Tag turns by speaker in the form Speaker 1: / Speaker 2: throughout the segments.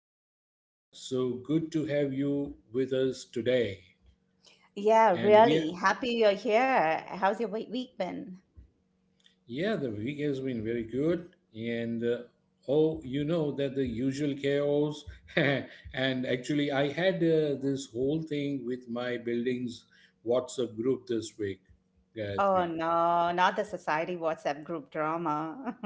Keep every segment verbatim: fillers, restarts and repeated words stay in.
Speaker 1: welcome back. So good to have you with us today.
Speaker 2: Yeah,
Speaker 1: And we,
Speaker 2: really.
Speaker 1: are,
Speaker 2: Happy you're here. How's your wee- week been?
Speaker 1: yeah, the week has been very good. And uh, oh, you know that the usual chaos. And actually, I had uh, this whole thing with my building's WhatsApp group this week,
Speaker 2: Oh
Speaker 1: Gayatri.
Speaker 2: no, not the society WhatsApp group drama.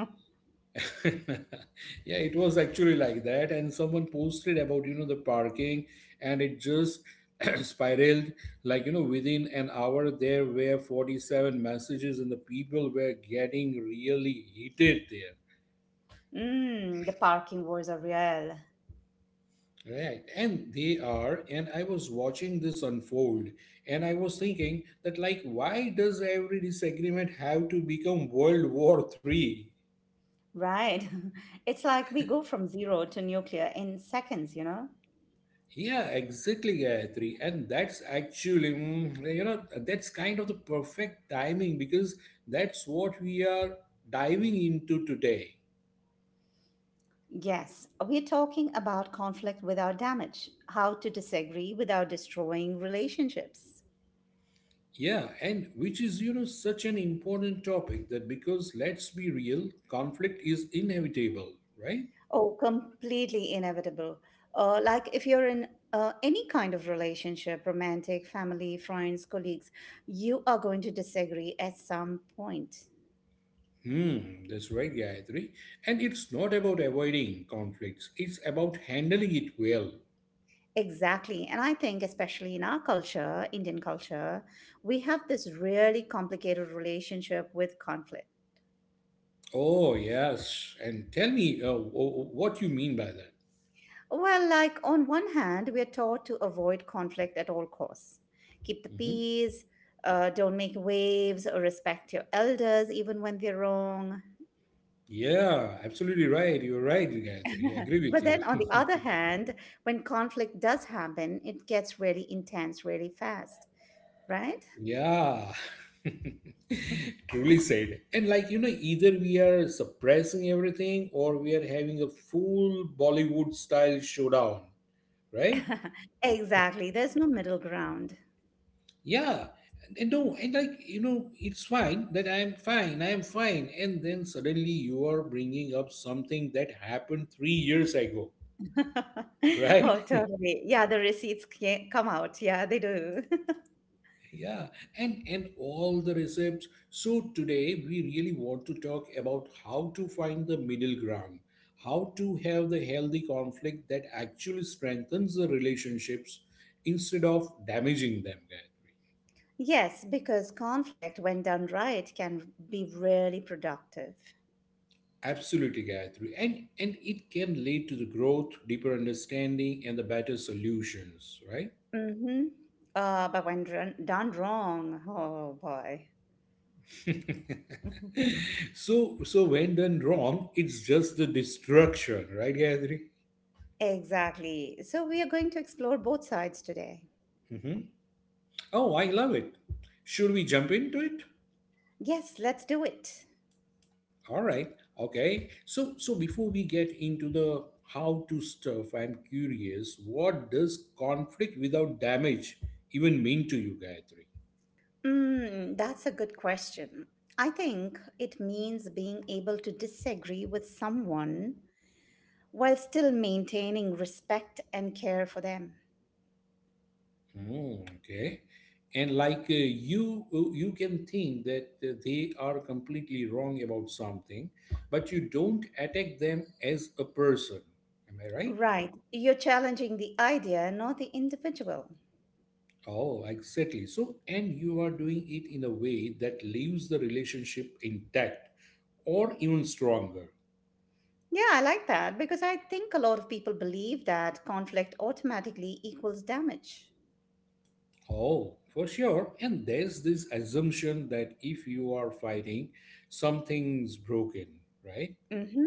Speaker 1: Yeah, it was actually like that, and someone posted about, you know the parking, and it just spiraled. Like, you know within an hour there were forty-seven messages, and the people were getting really heated there.
Speaker 2: mm, the parking wars are real.
Speaker 1: Right, and they are, and I was watching this unfold, and I was thinking that, like, why does every disagreement have to become World War three?
Speaker 2: Right. It's like we go from zero to nuclear in seconds, you know?
Speaker 1: Yeah, exactly, Gayatri. And that's actually, mm, you know, that's kind of the perfect timing, because that's what we are diving into today.
Speaker 2: Yes, we're talking about conflict without damage, how to disagree without destroying relationships.
Speaker 1: Yeah, and which is, you know, such an important topic, that because let's be real, conflict is inevitable, right?
Speaker 2: Oh, completely inevitable. Uh, like if you're in uh, any kind of relationship, romantic, family, friends, colleagues, you are going to disagree at some point.
Speaker 1: Hmm, that's right, Gayatri. And it's not about avoiding conflicts, it's about handling it well.
Speaker 2: Exactly. And I think, especially in our culture, Indian culture, we have this really complicated relationship with conflict.
Speaker 1: Oh, yes. And tell me uh, wh- wh- what you mean by that.
Speaker 2: Well, like on one hand, we are taught to avoid conflict at all costs, keep the
Speaker 1: Mm-hmm.
Speaker 2: peace, uh, don't make waves, or respect your elders even when they're wrong.
Speaker 1: Yeah, absolutely right. You're right, Gayatri. I agree with
Speaker 2: But
Speaker 1: you.
Speaker 2: then on the other hand, when conflict does happen, it gets really intense really fast, right?
Speaker 1: Yeah. Truly said. And like, you know, either we are suppressing everything or we are having a full Bollywood style showdown, right?
Speaker 2: Exactly. There's no middle ground.
Speaker 1: Yeah. And, and no, and like, you know, it's fine that I am fine, I am fine. And then suddenly you are bringing up something that happened three years ago, right?
Speaker 2: Oh, totally. Yeah, the receipts ca- come out. Yeah, they do.
Speaker 1: Yeah, and and all the recepts. So today we really want to talk about how to find the middle ground, how to have the healthy conflict that actually strengthens the relationships instead of damaging them, Gayatri.
Speaker 2: Yes, because conflict, when done right, can be really productive.
Speaker 1: Absolutely, Gayatri. And and it can lead to the growth, deeper understanding, and the better solutions, right?
Speaker 2: Mm-hmm. Uh, but when done done wrong, oh boy. Mhm.
Speaker 1: So so when done wrong, it's just the destruction, right, Gayatri?
Speaker 2: Exactly. So we are going to explore both sides today.
Speaker 1: Hmm. Oh, I love it. Should we jump into it?
Speaker 2: Yes, let's do it.
Speaker 1: All right. Okay. So so before we get into the how to stuff, I'm curious, what does conflict without damage even mean to you, Gayatri?
Speaker 2: Mm, that's a good question. I think it means being able to disagree with someone while still maintaining respect and care for them.
Speaker 1: Oh, okay. And like, uh, you, uh, you can think that uh, they are completely wrong about something, but you don't attack them as a person. Am I right?
Speaker 2: Right. You're challenging the idea, not the individual.
Speaker 1: Oh, exactly. So, and you are doing it in a way that leaves the relationship intact or even stronger.
Speaker 2: Yeah, I like that because I think a lot of people believe that conflict automatically equals damage.
Speaker 1: Oh, for sure. And there's this assumption that if you are fighting, something's broken, right?
Speaker 2: Hmm.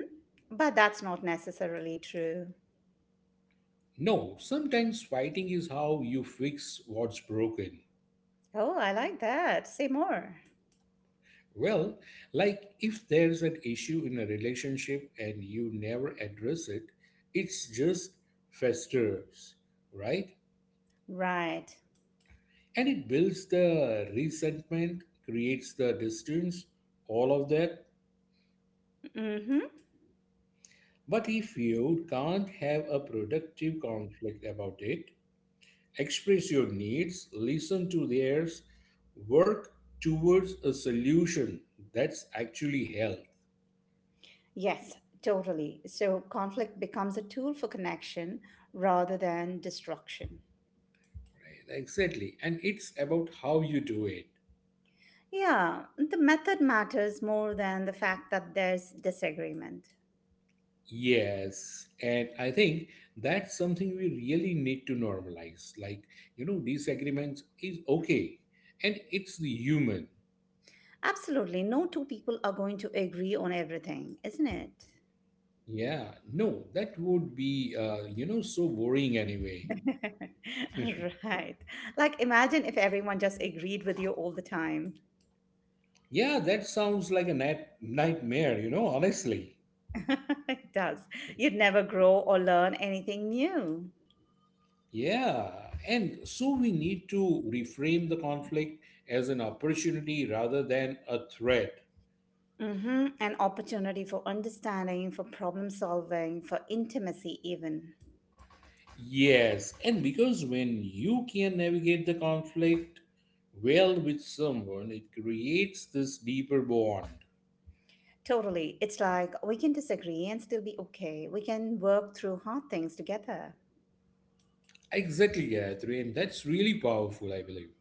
Speaker 2: But that's not necessarily true.
Speaker 1: No, sometimes fighting is how you fix what's broken.
Speaker 2: Oh, I like that. Say more.
Speaker 1: Well, like if there's an issue in a relationship and you never address it, it's just festers, right?
Speaker 2: Right.
Speaker 1: And it builds the resentment, creates the distance, all of that.
Speaker 2: Hmm.
Speaker 1: But if you can't have a productive conflict about it, express your needs, listen to theirs, work towards a solution, that's actually health.
Speaker 2: Yes, totally. So conflict becomes a tool for connection rather than destruction.
Speaker 1: Right? Exactly. And it's about how you do it.
Speaker 2: Yeah, the method matters more than the fact that there's disagreement.
Speaker 1: Yes, and I think that's something we really need to normalize. Like, you know, disagreements is okay, and it's the human.
Speaker 2: Absolutely, no two people are going to agree on everything, isn't it?
Speaker 1: Yeah, no, that would be, uh, you know, so boring anyway.
Speaker 2: Right. Like, imagine if everyone just agreed with you all the time.
Speaker 1: Yeah, that sounds like a night- nightmare, you know, honestly.
Speaker 2: It does. You'd never grow or learn anything new.
Speaker 1: Yeah. And so we need to reframe the conflict as an opportunity rather than a threat.
Speaker 2: Hmm. An opportunity for understanding, for problem solving, for intimacy, even.
Speaker 1: Yes. And because when you can navigate the conflict well with someone, it creates this deeper bond.
Speaker 2: Totally. It's like we can disagree and still be okay. We can work through hard things together.
Speaker 1: Exactly, Gayatri. And that's really powerful, I believe.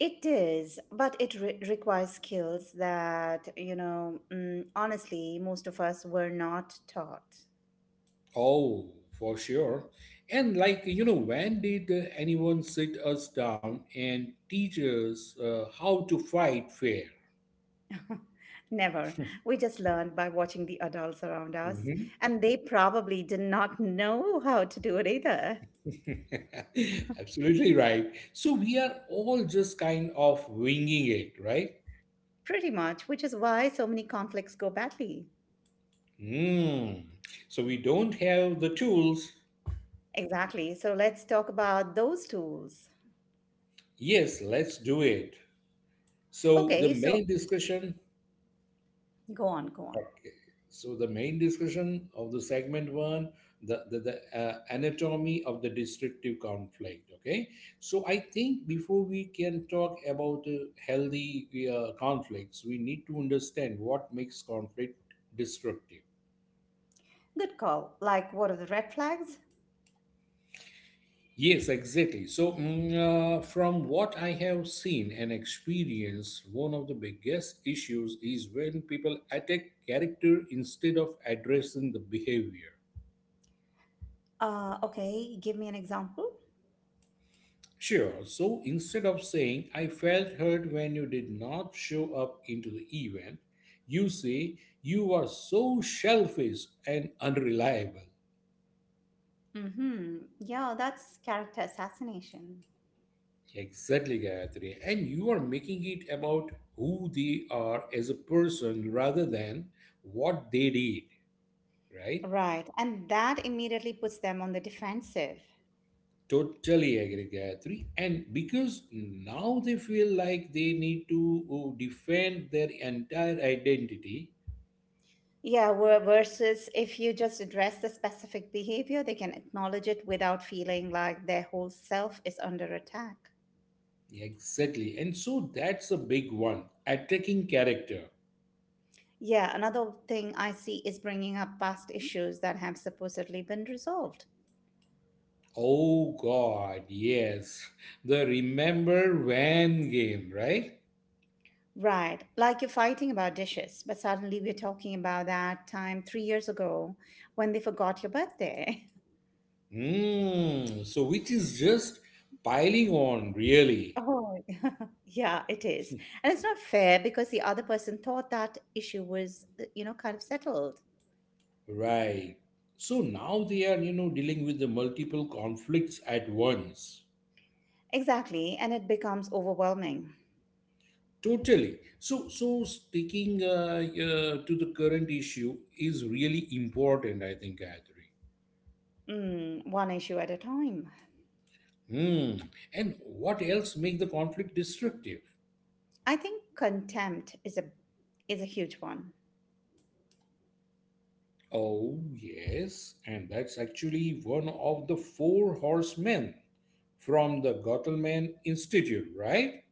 Speaker 2: It is, but it re- requires skills that, you know, mm, honestly, most of us were not taught.
Speaker 1: Oh, for sure. And like, you know, when did uh, anyone sit us down and teach us uh, how to fight fair?
Speaker 2: Never. We just learned by watching the adults around us,
Speaker 1: Mhm.
Speaker 2: and they probably did not know how to do it either.
Speaker 1: Absolutely right. So we are all just kind of winging it, right?
Speaker 2: Pretty much, which is why so many conflicts go badly.
Speaker 1: Hmm. So we don't have the tools.
Speaker 2: Exactly. So let's talk about those tools.
Speaker 1: Yes, let's do it. So the
Speaker 2: Okay, so
Speaker 1: main discussion
Speaker 2: go on, go on.
Speaker 1: Okay. So the main discussion of the segment one, the the, the uh, anatomy of the destructive conflict. Okay. So I think before we can talk about uh, healthy uh, conflicts, we need to understand what makes conflict destructive.
Speaker 2: Good call. Like, what are the red flags?
Speaker 1: Yes, exactly. So, mm, uh, from what I have seen and experienced, one of the biggest issues is when people attack character instead of addressing the behavior.
Speaker 2: Uh, okay, give me an example.
Speaker 1: Sure. So instead of saying, I felt hurt when you did not show up into the event, you say, you are so selfish and unreliable.
Speaker 2: Mm-hmm. Yeah, that's character assassination.
Speaker 1: Exactly, Gayatri. And you are making it about who they are as a person rather than what they did, right?
Speaker 2: Right. And that immediately puts them on the defensive.
Speaker 1: Totally agree, Gayatri. And because now they feel like they need to uh, defend their entire identity.
Speaker 2: Yeah, where- versus if you just address the specific behavior, they can acknowledge it without feeling like their whole self is under attack.
Speaker 1: Exactly. And so that's a big one. Attacking character.
Speaker 2: Yeah, another thing I see is bringing up past issues that have supposedly been resolved.
Speaker 1: Oh god, yes. The remember when game, right?
Speaker 2: Right. Like you're fighting about dishes, but suddenly we're talking about that time three years ago when they forgot your birthday.
Speaker 1: Hmm. So which is just piling on really.
Speaker 2: Oh, yeah, it is. And it's not fair because the other person thought that issue was, uh, you know, kind of settled.
Speaker 1: Right. So now they are, you know, dealing with the multiple conflicts at once.
Speaker 2: Exactly. And it becomes overwhelming.
Speaker 1: Totally. So so sticking uh, uh, to the current issue is really important, I think, Gayatri.
Speaker 2: Mm, one issue at a time.
Speaker 1: Hmm. And what else make the conflict destructive?
Speaker 2: I think contempt is a is a huge one.
Speaker 1: Oh, yes, and that's actually one of the four horsemen from the Gottleman Institute, right?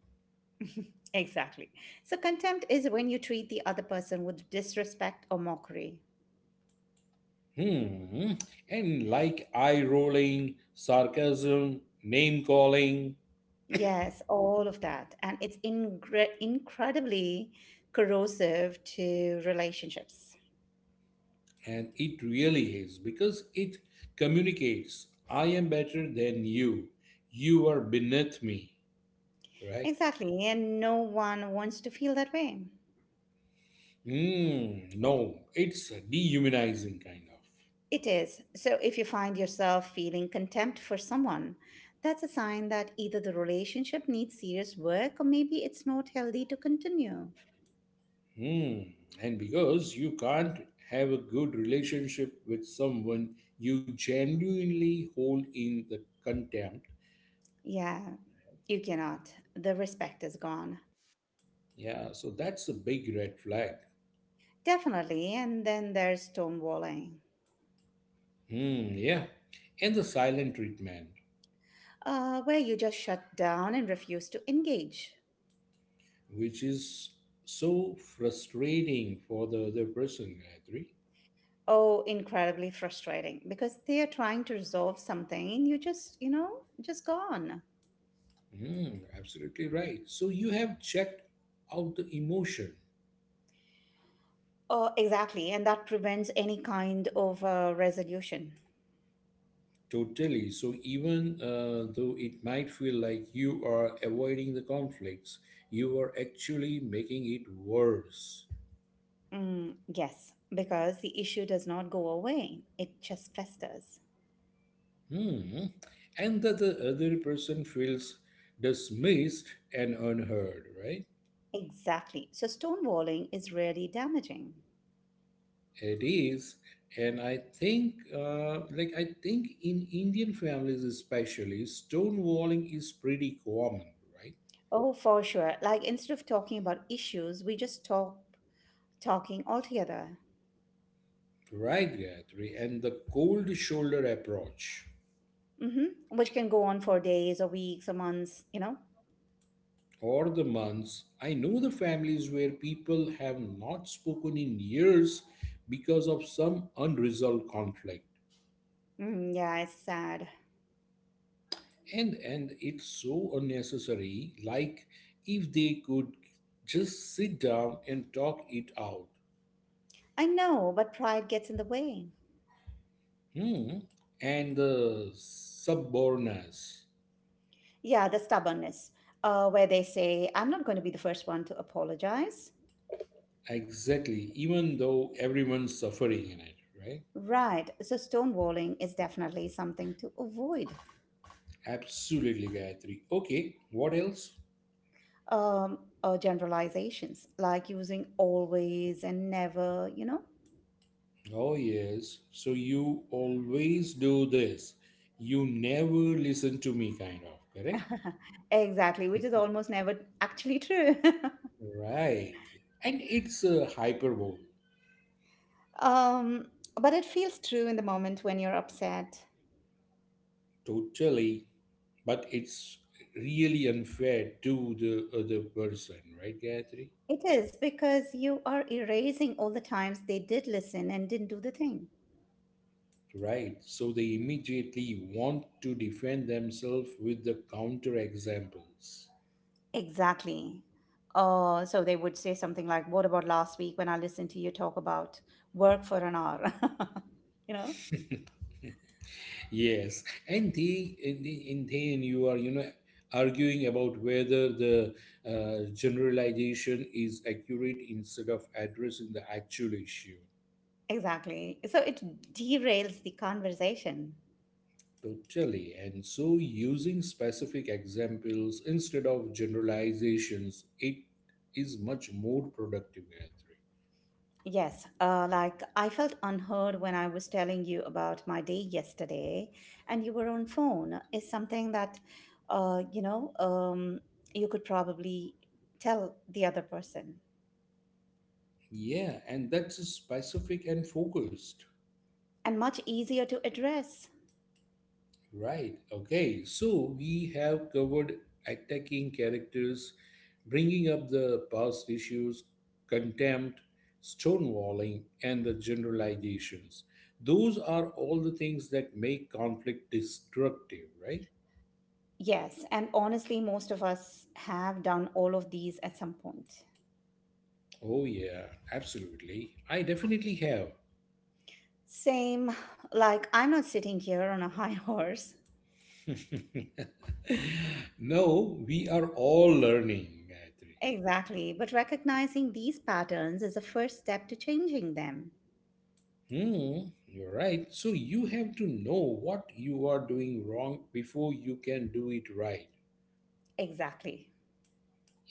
Speaker 2: Exactly. So contempt is when you treat the other person with disrespect or mockery.
Speaker 1: Hmm. And like eye rolling, sarcasm, name calling,
Speaker 2: Yes, all of that. And it's ingre- incredibly corrosive to relationships.
Speaker 1: and it really is because it communicates I am better than you. You are beneath me, right?
Speaker 2: Exactly. And no one wants to feel that way.
Speaker 1: Hmm. No, it's dehumanizing kind of.
Speaker 2: It is. So if you find yourself feeling contempt for someone, that's a sign that either the relationship needs serious work or maybe it's not healthy to continue.
Speaker 1: Hmm. And because you can't have a good relationship with someone you genuinely hold in the contempt.
Speaker 2: Yeah, you cannot. The respect is gone.
Speaker 1: Yeah, so that's a big red flag.
Speaker 2: Definitely. And then there's stonewalling,
Speaker 1: Hmm, yeah. And the silent treatment,
Speaker 2: uh, where you just shut down and refuse to engage.
Speaker 1: which is so frustrating for the other person, Gayatri.
Speaker 2: Oh, incredibly frustrating because they are trying to resolve something and you just, you know, just gone.
Speaker 1: Hmm, absolutely right. So you have checked out the emotion.
Speaker 2: Oh, exactly. And that prevents any kind of uh, resolution.
Speaker 1: Totally. So, even uh, though it might feel like you are avoiding the conflicts, you are actually making it worse.
Speaker 2: Mm, yes, because the issue does not go away, it just festers.
Speaker 1: Hmm. And that the other person feels dismissed and unheard, right?
Speaker 2: Exactly. So stonewalling is really damaging.
Speaker 1: It is. And I think, uh, like, I think in Indian families especially, stonewalling is pretty common, right?
Speaker 2: Oh, for sure. Like, instead of talking about issues, we just talk talking altogether,
Speaker 1: Right, Gayatri. And the cold shoulder approach.
Speaker 2: mm-hmm, which can go on for days or weeks or months, you know?
Speaker 1: Or the months. I know the families where people have not spoken in years because of some unresolved conflict.
Speaker 2: Mm, yeah, it's sad.
Speaker 1: And and it's so unnecessary, like if they could just sit down and talk it out.
Speaker 2: I know, but pride gets in the way.
Speaker 1: Hmm. And the suborners.
Speaker 2: Yeah, the stubbornness, uh, where they say, I'm not going to be the first one to apologize.
Speaker 1: Exactly, even though everyone's suffering in it, right?
Speaker 2: Right. So stonewalling is definitely something to avoid.
Speaker 1: Absolutely, Gayatri. Okay, what else?
Speaker 2: Um, uh, generalizations like using always and never, you know?
Speaker 1: Oh, yes. So you always do this. You never listen to me, kind of, correct?
Speaker 2: Exactly, which is almost never actually true.
Speaker 1: Right. And it's a hyperbole,
Speaker 2: um, but it feels true in the moment when you're upset.
Speaker 1: totally. But it's really unfair to the other person, right, Gayatri?
Speaker 2: It is because you are erasing all the times they did listen and didn't do the thing.
Speaker 1: Right. So they immediately want to defend themselves with the counter examples.
Speaker 2: Exactly. Uh, so they would say something like, What about last week when I listened to you talk about work for an hour? You know?
Speaker 1: Yes, and the in the in then you are, you know arguing about whether the uh, generalization is accurate instead of addressing the actual issue.
Speaker 2: Exactly. So it derails the conversation.
Speaker 1: Totally, and so using specific examples instead of generalizations, it is much more productive. I think.
Speaker 2: Yes, uh, like I felt unheard when I was telling you about my day yesterday, and you were on phone. Is something that, uh, you know, um, you could probably tell the other person,
Speaker 1: Yeah, and that's specific and focused.
Speaker 2: and much easier to address.
Speaker 1: Right. Okay. So we have covered attacking characters, bringing up the past issues, contempt, stonewalling, and the generalizations. Those are all the things that make conflict destructive, right?
Speaker 2: Yes, and honestly, most of us have done all of these at some point.
Speaker 1: Oh, yeah, absolutely. I definitely have.
Speaker 2: Same, like I'm not sitting here on a high horse.
Speaker 1: No, we are all learning, Gayatri.
Speaker 2: Exactly, but recognizing these patterns is a first step to changing them.
Speaker 1: Hmm, you're right. So you have to know what you are doing wrong before you can do it right.
Speaker 2: Exactly.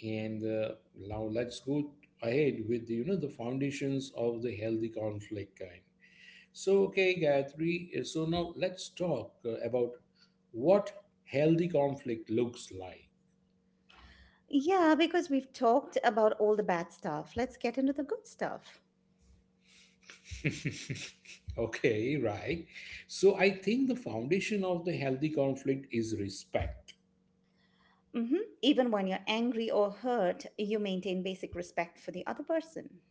Speaker 1: And uh, now let's go ahead with the, you know the foundations of the healthy conflict kind. So okay, Gayatri. uh, So now let's talk uh, about what healthy conflict looks like.
Speaker 2: Yeah, because we've talked about all the bad stuff. Let's get into the good stuff.
Speaker 1: Okay, right. So I think the foundation of the healthy conflict is respect.
Speaker 2: Hmm. Even when you're angry or hurt, you maintain basic respect for the other person.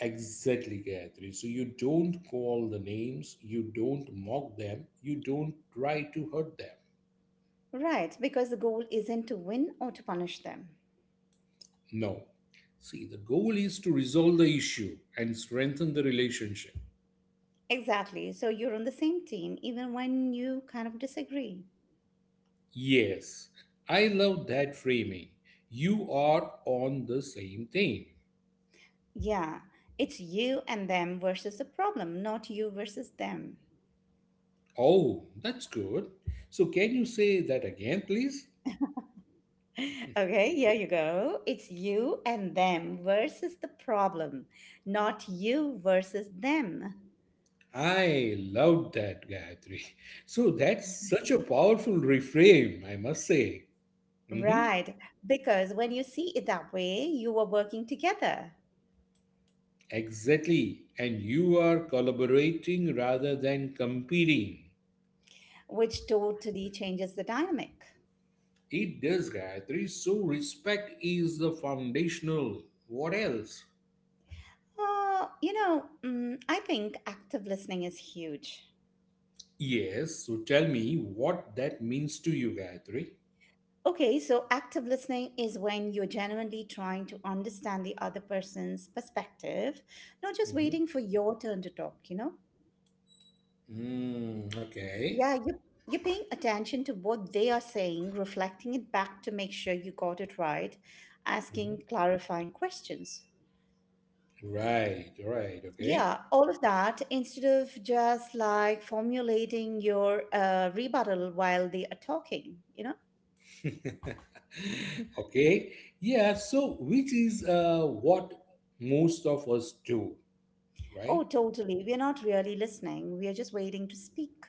Speaker 1: Exactly, Gayatri. So you don't call the names, you don't mock them, you don't try to hurt them.
Speaker 2: Right, because the goal isn't to win or to punish them.
Speaker 1: No. See, the goal is to resolve the issue and strengthen the relationship.
Speaker 2: Exactly. So you're on the same team, even when you kind of disagree.
Speaker 1: Yes, I love that framing. You are on the same team.
Speaker 2: Yeah, it's you and them versus the problem, not you versus them.
Speaker 1: Oh, that's good. So, can you say that again, please?
Speaker 2: Okay, here you go. It's you and them versus the problem, not you versus them.
Speaker 1: I love that, Gayatri. So, that's such a powerful reframe, I must say. Mhm.
Speaker 2: Right, because when you see it that way, you are working together,
Speaker 1: Exactly. And you are collaborating rather than competing.
Speaker 2: which totally changes the dynamic.
Speaker 1: It does, Gayatri. So respect is the foundational. What else?
Speaker 2: Uh, you know, mm, I think active listening is huge.
Speaker 1: Yes. So tell me what that means to you, Gayatri.
Speaker 2: Okay, so active listening is when you're genuinely trying to understand the other person's perspective, not just
Speaker 1: Mhm.
Speaker 2: waiting for your turn to talk, you know?
Speaker 1: Mm, okay.
Speaker 2: Yeah, you, you're paying attention to what they are saying, reflecting it back to make sure you got it right,
Speaker 1: Mhm.
Speaker 2: asking clarifying questions.
Speaker 1: Right. Right. Okay.
Speaker 2: Yeah, all of that instead of just like formulating your uh, rebuttal while they are talking, you know?
Speaker 1: Okay. Yeah. So which is uh, what most of us do, right?
Speaker 2: Oh, totally. We're not really listening. We are just waiting to speak.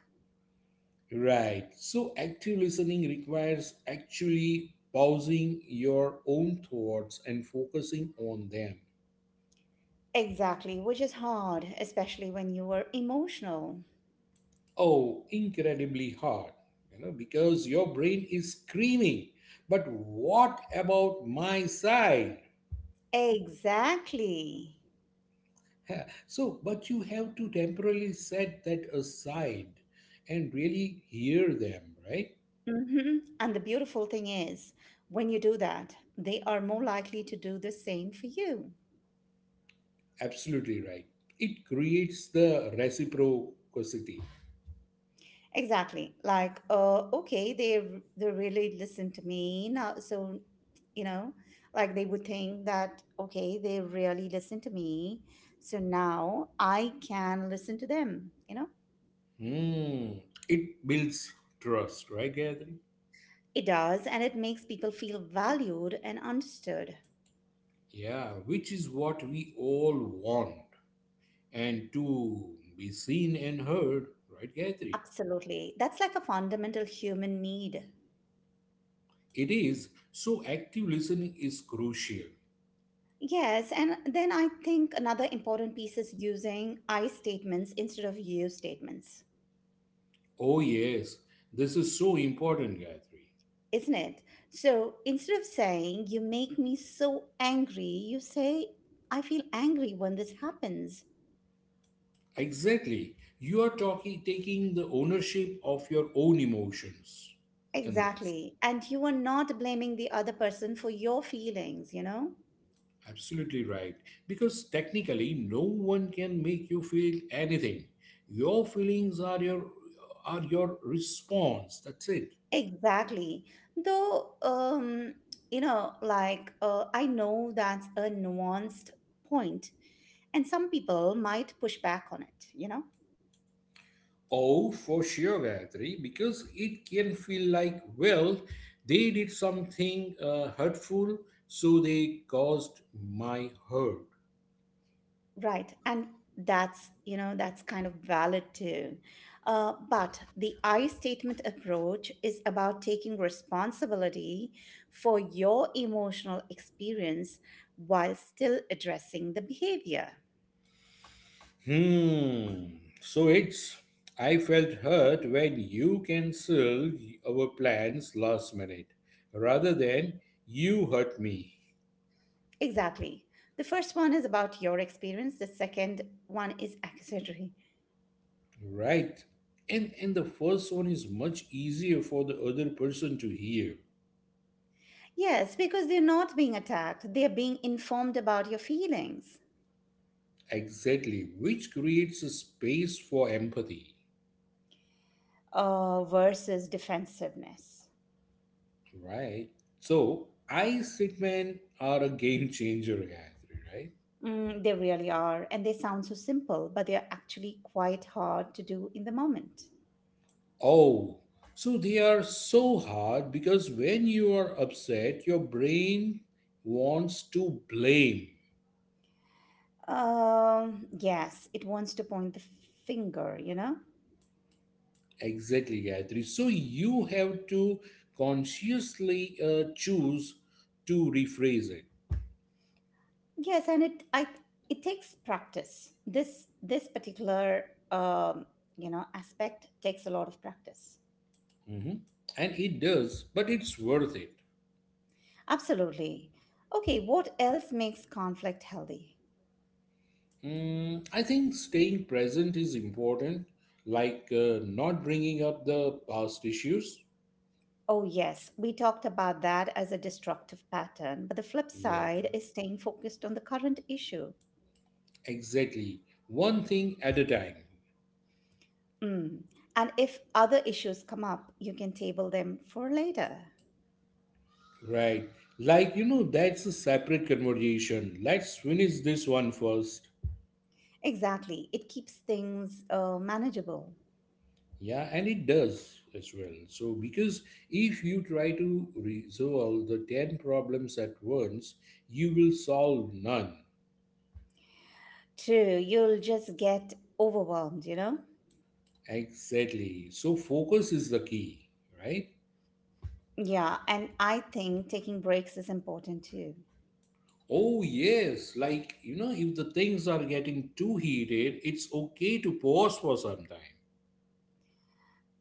Speaker 1: Right. So active listening requires actually pausing your own thoughts and focusing on them.
Speaker 2: Exactly, which is hard, especially when you are emotional.
Speaker 1: Oh, incredibly hard, you know, because your brain is screaming. But what about my side?
Speaker 2: Exactly.
Speaker 1: Ha. So, but you have to temporarily set that aside and really hear them, right?
Speaker 2: Hmm. And the beautiful thing is, when you do that, they are more likely to do the same for you.
Speaker 1: Absolutely right. It creates the reciprocity.
Speaker 2: Exactly. Like, uh, okay, they they really listen to me now. So, you know, like they would think that okay, they really listen to me. So now I can listen to them. You know,
Speaker 1: Hmm. It builds trust, right, Gayatri?
Speaker 2: it does, and it makes people feel valued and understood.
Speaker 1: Yeah, which is what we all want. And to be seen and heard, right, Gayatri?
Speaker 2: Absolutely, that's like a fundamental human need.
Speaker 1: It is. So active listening is crucial.
Speaker 2: Yes, and then I think another important piece is using I statements instead of you statements.
Speaker 1: Oh, yes. This is so important, Gayatri.
Speaker 2: Isn't it? So instead of saying, you make me so angry, you say, I feel angry when this happens.
Speaker 1: Exactly. You are talking, taking the ownership of your own emotions in this.
Speaker 2: Exactly. And you are not blaming the other person for your feelings, you know?
Speaker 1: Absolutely right. Because technically, no one can make you feel anything. Your feelings are your are your response. That's it.
Speaker 2: Exactly. Though, um, you know, like, uh, I know that's a nuanced point, and some people might push back on it, you know?
Speaker 1: Oh, for sure, Gayatri, because it can feel like, well, they did something uh, hurtful, so they caused my hurt.
Speaker 2: Right. And that's, you know, that's kind of valid too. Uh, but the I statement approach is about taking responsibility for your emotional experience while still addressing the behavior.
Speaker 1: Hmm. So it's I felt hurt when you canceled our plans last minute, rather than you hurt me.
Speaker 2: Exactly. The first one is about your experience, the second one is accessory.
Speaker 1: Right. And and the first one is much easier for the other person to hear.
Speaker 2: Yes, because they're not being attacked, they're being informed about your feelings
Speaker 1: Exactly, which creates a space for empathy.
Speaker 2: uh, versus defensiveness.
Speaker 1: Right. So I statement are a game changer, Gayatri, right?
Speaker 2: Mm, they really are, and they sound so simple, but they are actually quite hard to do in the moment.
Speaker 1: Oh, so they are so hard because when you are upset, your brain wants to blame.
Speaker 2: Um, yes, it wants to point the finger, you know.
Speaker 1: Exactly, Gayatri. So you have to consciously uh, choose to rephrase it
Speaker 2: Yes, and it I it takes practice. This this particular um, you know aspect takes a lot of practice.
Speaker 1: hmm And it does, but it's worth it.
Speaker 2: Absolutely. Okay, what else makes conflict healthy?
Speaker 1: Mm, I think staying present is important, like uh, not bringing up the past issues.
Speaker 2: Oh, yes, we talked about that as a destructive pattern, but the flip
Speaker 1: Yeah,
Speaker 2: side is staying focused on the current issue.
Speaker 1: exactly. One thing at a time.
Speaker 2: Mm. And if other issues come up, you can table them for later.
Speaker 1: Right. Like, you know, that's a separate conversation. Let's finish this one first.
Speaker 2: Exactly. It keeps things uh, manageable.
Speaker 1: Yeah, and it does as well. So, because if you try to resolve the ten problems at once, you will solve none.
Speaker 2: True. You'll just get overwhelmed, you know?
Speaker 1: Exactly. So focus is the key, right?
Speaker 2: Yeah. And I think taking breaks is important too.
Speaker 1: Oh, yes. Like, you know, if the things are getting too heated, it's okay to pause for some time,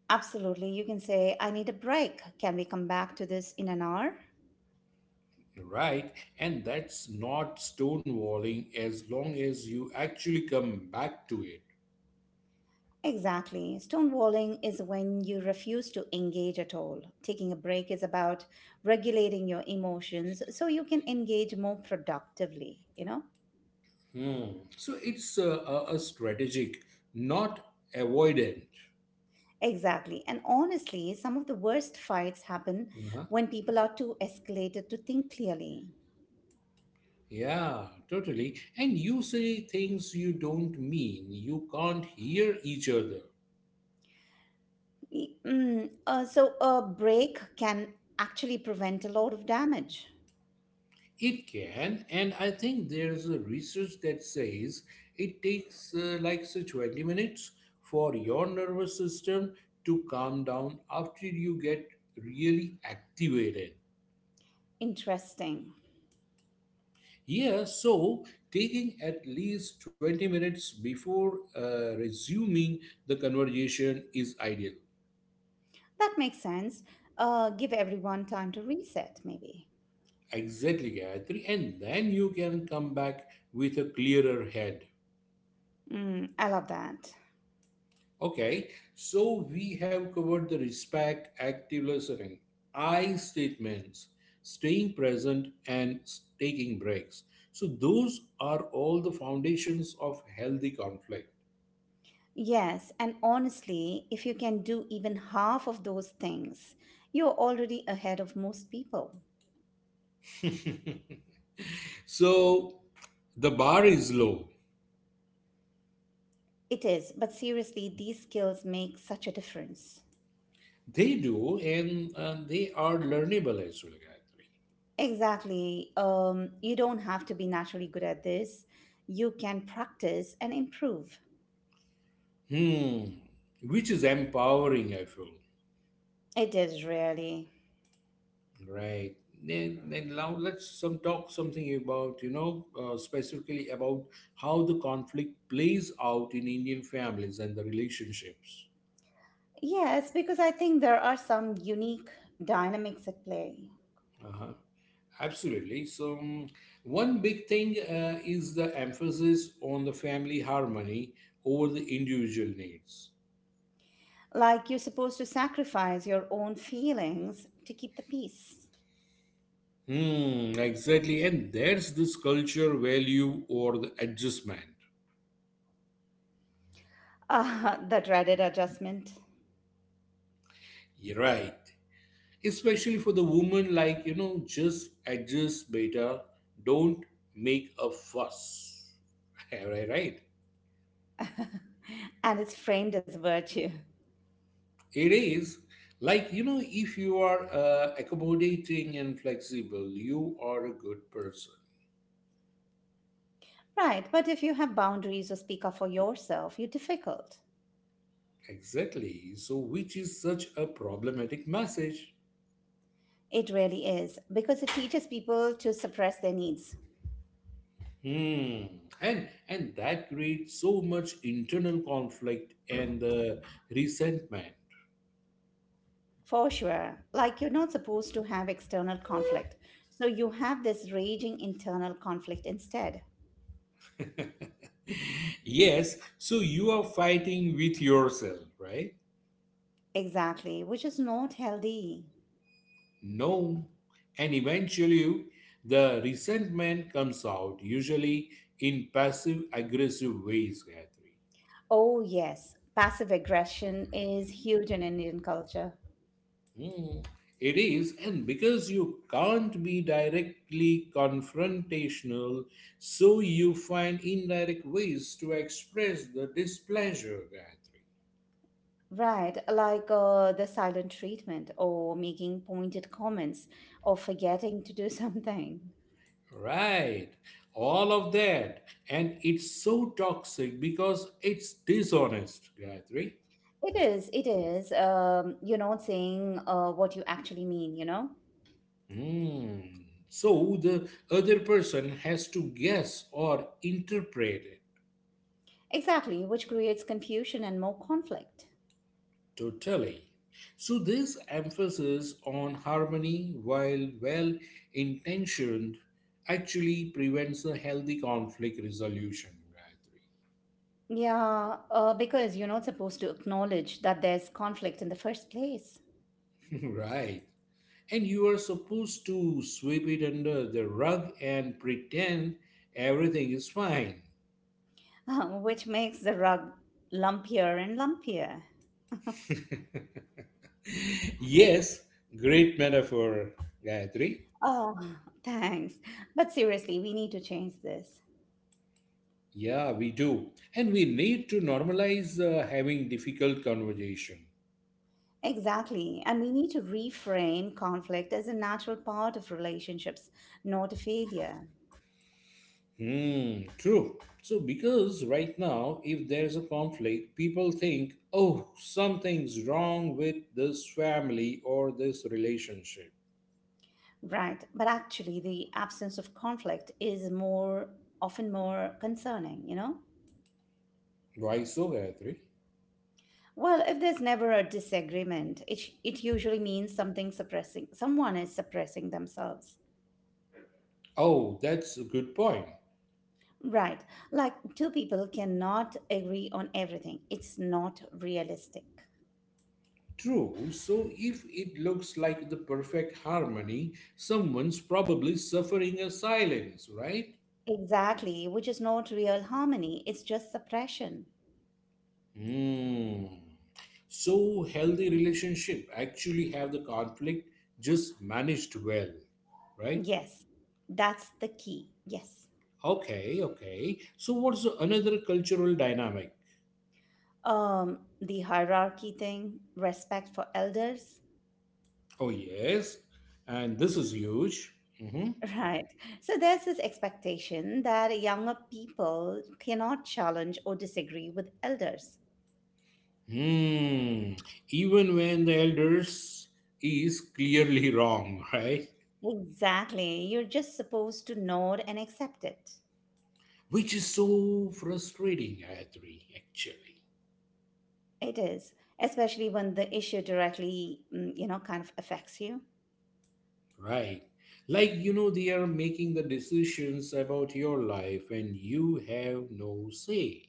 Speaker 2: Absolutely. You can say, I need a break. Can we come back to this in an hour?
Speaker 1: right? And that's not stonewalling as long as you actually come back to it.
Speaker 2: Exactly. Stonewalling is when you refuse to engage at all. Taking a break is about regulating your emotions so you can engage more productively, you know?
Speaker 1: Hmm. So it's a, a, a strategic, not avoidant.
Speaker 2: Exactly. And honestly, some of the worst fights happen
Speaker 1: Uh-huh.
Speaker 2: when people are too escalated to think clearly.
Speaker 1: Yeah, totally. And you say things you don't mean. You can't hear each other.
Speaker 2: Y- mm, uh, so a break can actually prevent a lot of damage.
Speaker 1: It can, and I think there's a research that says it takes uh, like say twenty minutes for your nervous system to calm down after you get really activated.
Speaker 2: Interesting.
Speaker 1: Yeah, so taking at least twenty minutes before uh, resuming the conversation is ideal.
Speaker 2: That makes sense. Uh, give everyone time to reset, maybe.
Speaker 1: Exactly, Gayatri, and then you can come back with a clearer head.
Speaker 2: Mm, I love that.
Speaker 1: Okay, so we have covered the respect, active listening, I statements, staying present, and s- taking breaks. So, those are all the foundations of healthy conflict.
Speaker 2: Yes. And honestly, if you can do even half of those things, you're already ahead of most people.
Speaker 1: So, the bar is low.
Speaker 2: It is. But seriously, these skills make such a difference.
Speaker 1: They do, and, and they are learnable as well, Gayatri.
Speaker 2: Exactly. Um, you don't have to be naturally good at this. You can practice and improve.
Speaker 1: Hmm, which is empowering, I feel.
Speaker 2: It is really.
Speaker 1: Right. Then, then now let's some talk something about you know uh, specifically about how the conflict plays out in Indian families and the relationships.
Speaker 2: Yes, because I think there are some unique dynamics at play.
Speaker 1: Uh-huh. Absolutely. So um, one big thing uh, is the emphasis on the family harmony over the individual needs.
Speaker 2: Like you're supposed to sacrifice your own feelings to keep the peace.
Speaker 1: Hmm. Exactly. And there's this culture value or the adjustment.
Speaker 2: Ah, the dreaded adjustment.
Speaker 1: You're right. Especially for the woman like you know just adjust beta, don't make a fuss. Am I right?
Speaker 2: And it's framed as virtue.
Speaker 1: It is, like you know if you are uh, accommodating and flexible, you are a good person.
Speaker 2: Right, but if you have boundaries or speak up for yourself, you're difficult.
Speaker 1: Exactly, so which is such a problematic message.
Speaker 2: It really is, because it teaches people to suppress their needs.
Speaker 1: Hmm. And and that creates so much internal conflict and uh, resentment.
Speaker 2: For sure. Like you're not supposed to have external conflict. So you have this raging internal conflict instead.
Speaker 1: Yes, so you are fighting with yourself, right?
Speaker 2: Exactly, which is not healthy.
Speaker 1: No. And eventually, the resentment comes out, usually in passive aggressive ways, Gayatri.
Speaker 2: Oh, yes. Passive aggression is huge in Indian culture.
Speaker 1: Hmm. It is, and because you can't be directly confrontational, so you find indirect ways to express the displeasure, Gayatri.
Speaker 2: Right, like uh, the silent treatment or making pointed comments or forgetting to do something.
Speaker 1: Right, all of that. And it's so toxic because it's dishonest, Gayatri.
Speaker 2: It is, it is. Um, you're not saying uh, what you actually mean, you know?
Speaker 1: Hmm. So the other person has to guess or interpret it.
Speaker 2: Exactly, which creates confusion and more conflict.
Speaker 1: Totally. So this emphasis on harmony, while well intentioned, actually prevents a healthy conflict resolution,
Speaker 2: Yeah, uh, because you're not supposed to acknowledge that there's conflict in the first place.
Speaker 1: Gayatri. Right. And you are supposed to sweep it under the rug and pretend everything is fine.
Speaker 2: which makes the rug lumpier and lumpier.
Speaker 1: Yes, great metaphor, Gayatri.
Speaker 2: Oh, thanks. But seriously, we need to change this.
Speaker 1: Yeah, we do. And we need to normalize uh, having difficult conversation.
Speaker 2: Exactly. And we need to reframe conflict as a natural part of relationships, not a failure.
Speaker 1: Hmm, true. So because right now if there's a conflict, people think, "Oh, something's wrong with this family or this relationship."
Speaker 2: Right. But actually, the absence of conflict is more often more concerning, you know?
Speaker 1: Why so, Gayatri?
Speaker 2: Well, if there's never a disagreement, it, sh- it usually means something suppressing, someone is suppressing themselves.
Speaker 1: Oh, that's a good point.
Speaker 2: Right. Like two people cannot agree on everything. It's not realistic.
Speaker 1: True. So if it looks like the perfect harmony, someone's probably suffering a silence, right?
Speaker 2: Exactly, which is not real harmony. It's just suppression.
Speaker 1: Hmm. So healthy relationship actually have the conflict just managed well, right?
Speaker 2: Yes, that's the key. Yes.
Speaker 1: Okay, okay. So what's the another cultural dynamic?
Speaker 2: Um, the hierarchy thing, respect for elders.
Speaker 1: Oh yes, and this is huge. hmm
Speaker 2: Right. So there's this expectation that younger people cannot challenge or disagree with elders.
Speaker 1: Hmm. Even when the elders is clearly wrong, right?
Speaker 2: Exactly. You're just supposed to nod and accept it.
Speaker 1: Which is so frustrating, Adri, actually,
Speaker 2: It is, especially when the issue directly, mm, you know, kind of affects you.
Speaker 1: right? Like you know, they are making the decisions about your life, and you have no say.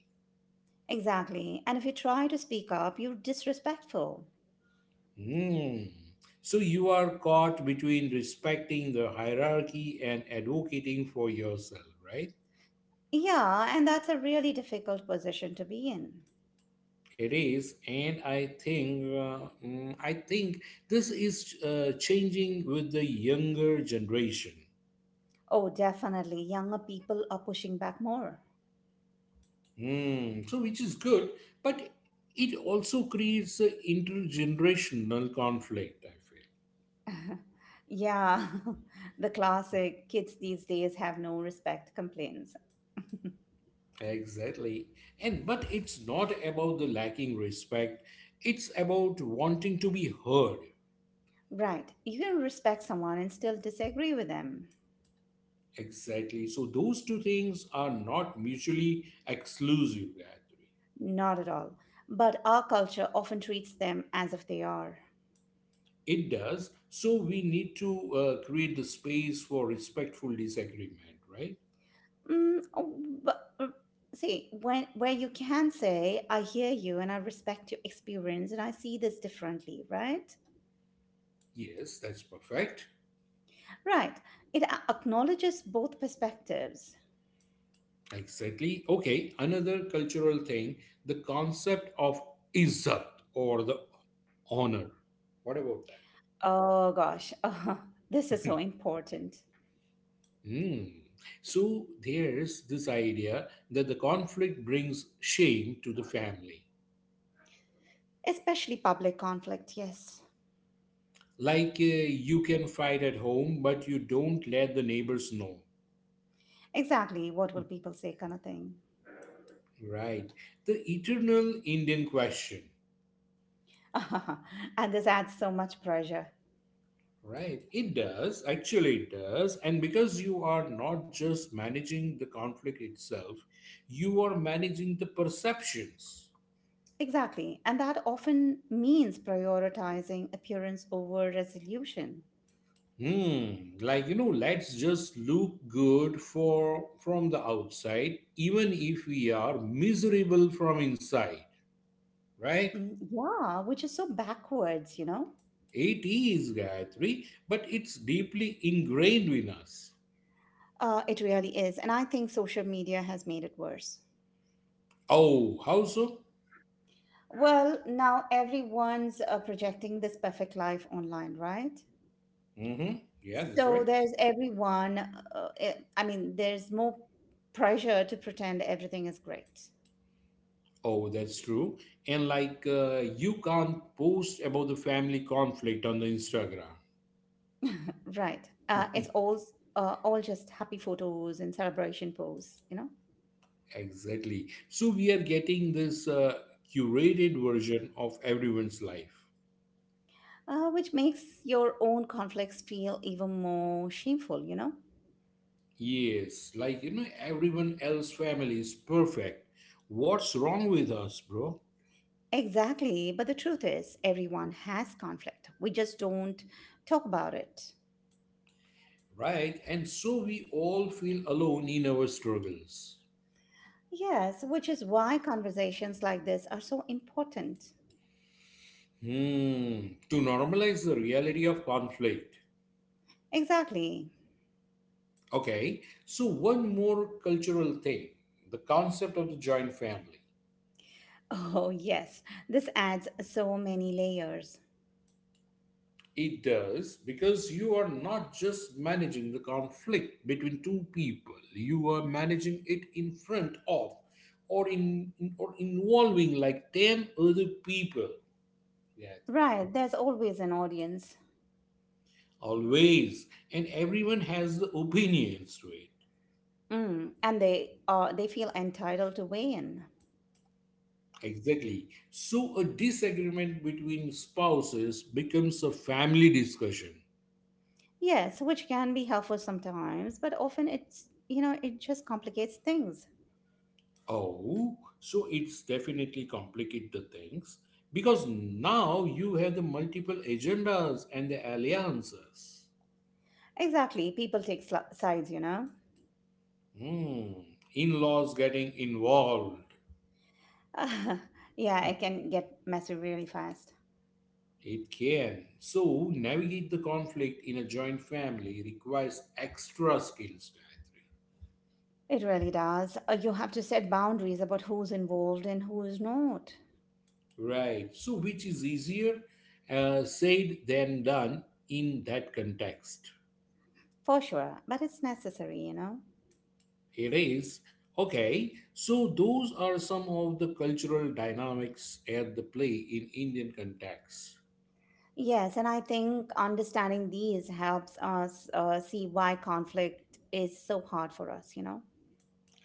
Speaker 2: Exactly. And if you try to speak up, you're disrespectful.
Speaker 1: Hmm. So you are caught between respecting the hierarchy and advocating for yourself, right?
Speaker 2: Yeah, and that's a really difficult position to be in.
Speaker 1: It is, and I think uh, mm, I think this is uh, changing with the younger generation.
Speaker 2: Oh, definitely. Younger people are pushing back more.
Speaker 1: Hmm. So which is good, but it also creates an intergenerational conflict. I
Speaker 2: Yeah, the classic kids these days have no respect complaints.
Speaker 1: feel exactly, and but it's not about the lacking respect. It's about wanting to be heard.
Speaker 2: Right. You can respect someone and still disagree with them.
Speaker 1: Exactly. So those two things are not mutually exclusive, Gayatri.
Speaker 2: Not at all. But our culture often treats them as if they are.
Speaker 1: It does. So we need to uh, create the space for respectful disagreement, right?
Speaker 2: Mm, oh, but, uh, See, when, where you can say, I hear you and I respect your experience and I see this differently, right?
Speaker 1: Yes, that's perfect.
Speaker 2: Right. It a- acknowledges both perspectives.
Speaker 1: Exactly. Okay, another cultural thing, the concept of izzat, or the honor. What about that?
Speaker 2: Oh gosh, this is so important,
Speaker 1: Hmm. So there's this idea that the conflict brings shame to the family,
Speaker 2: especially public conflict, yes.
Speaker 1: like uh, you can fight at home, but you don't let the neighbors know,
Speaker 2: Exactly, what will people say, kind of thing.
Speaker 1: right? The eternal Indian question.
Speaker 2: and this adds so much pressure.
Speaker 1: Right, it does. Actually, it does. And because you are not just managing the conflict itself, you are managing the perceptions.
Speaker 2: Exactly. And that often means prioritizing appearance over resolution.
Speaker 1: hmm like you know let's just look good for from the outside, even if we are miserable from inside, right?
Speaker 2: Mm, yeah, which is so backwards, you know?
Speaker 1: It is, Gayatri, but it's deeply ingrained in us.
Speaker 2: Uh, it really is. And I think social media has made it worse.
Speaker 1: Oh, how so?
Speaker 2: Well, now everyone's uh, projecting this perfect life online, right?
Speaker 1: Mm-hmm. Yeah, that's
Speaker 2: So
Speaker 1: right.
Speaker 2: there's everyone, uh, eh, I mean, there's more pressure to pretend everything is great.
Speaker 1: Oh, that's true. And like, uh, you can't post about the family conflict on the Instagram.
Speaker 2: Right. Uh, it's all, uh, all just happy photos and celebration pose, you know?
Speaker 1: Exactly. So we are getting this uh, curated version of everyone's life.
Speaker 2: Uh, which makes your own conflicts feel even more shameful, you know?
Speaker 1: Yes, like you know, everyone else family is perfect. What's wrong with us, bro?
Speaker 2: Exactly. But the truth is, everyone has conflict. We just don't talk about it.
Speaker 1: Right? And so we all feel alone in our struggles.
Speaker 2: Yes, which is why conversations like this are so important.
Speaker 1: Hmm, to normalize the reality of conflict.
Speaker 2: Exactly.
Speaker 1: Okay, so one more cultural thing, the concept of the joint family.
Speaker 2: Oh, yes. This adds so many layers.
Speaker 1: It does, because you are not just managing the conflict between two people, you are managing it in front of, or in, in, or involving like ten other people, Gayatri.
Speaker 2: Right, there's always an audience.
Speaker 1: Always, and everyone has the opinions to it.
Speaker 2: Mm, and they are they feel entitled to weigh in.
Speaker 1: Exactly. So a disagreement between spouses becomes a family discussion.
Speaker 2: Yes, which can be helpful sometimes, but often it's you know, it just complicates things.
Speaker 1: Oh, so it's definitely complicate the things, because now you have the multiple agendas and the alliances.
Speaker 2: Exactly. People take sl- sides, you know.
Speaker 1: Hmm. In-laws getting involved.
Speaker 2: yeah, it can get messy really fast.
Speaker 1: It can. So navigate the conflict in a joint family requires extra skills, Gayatri.
Speaker 2: It really does. Uh, You have to set boundaries about who's involved and who is not,
Speaker 1: Right. So, which is easier uh, said than done in that context?
Speaker 2: for sure. But it's necessary, you know.
Speaker 1: It is. Okay. So, those are some of the cultural dynamics at the play in Indian context.
Speaker 2: Yes, and I think understanding these helps us uh, see why conflict is so hard for us, you know.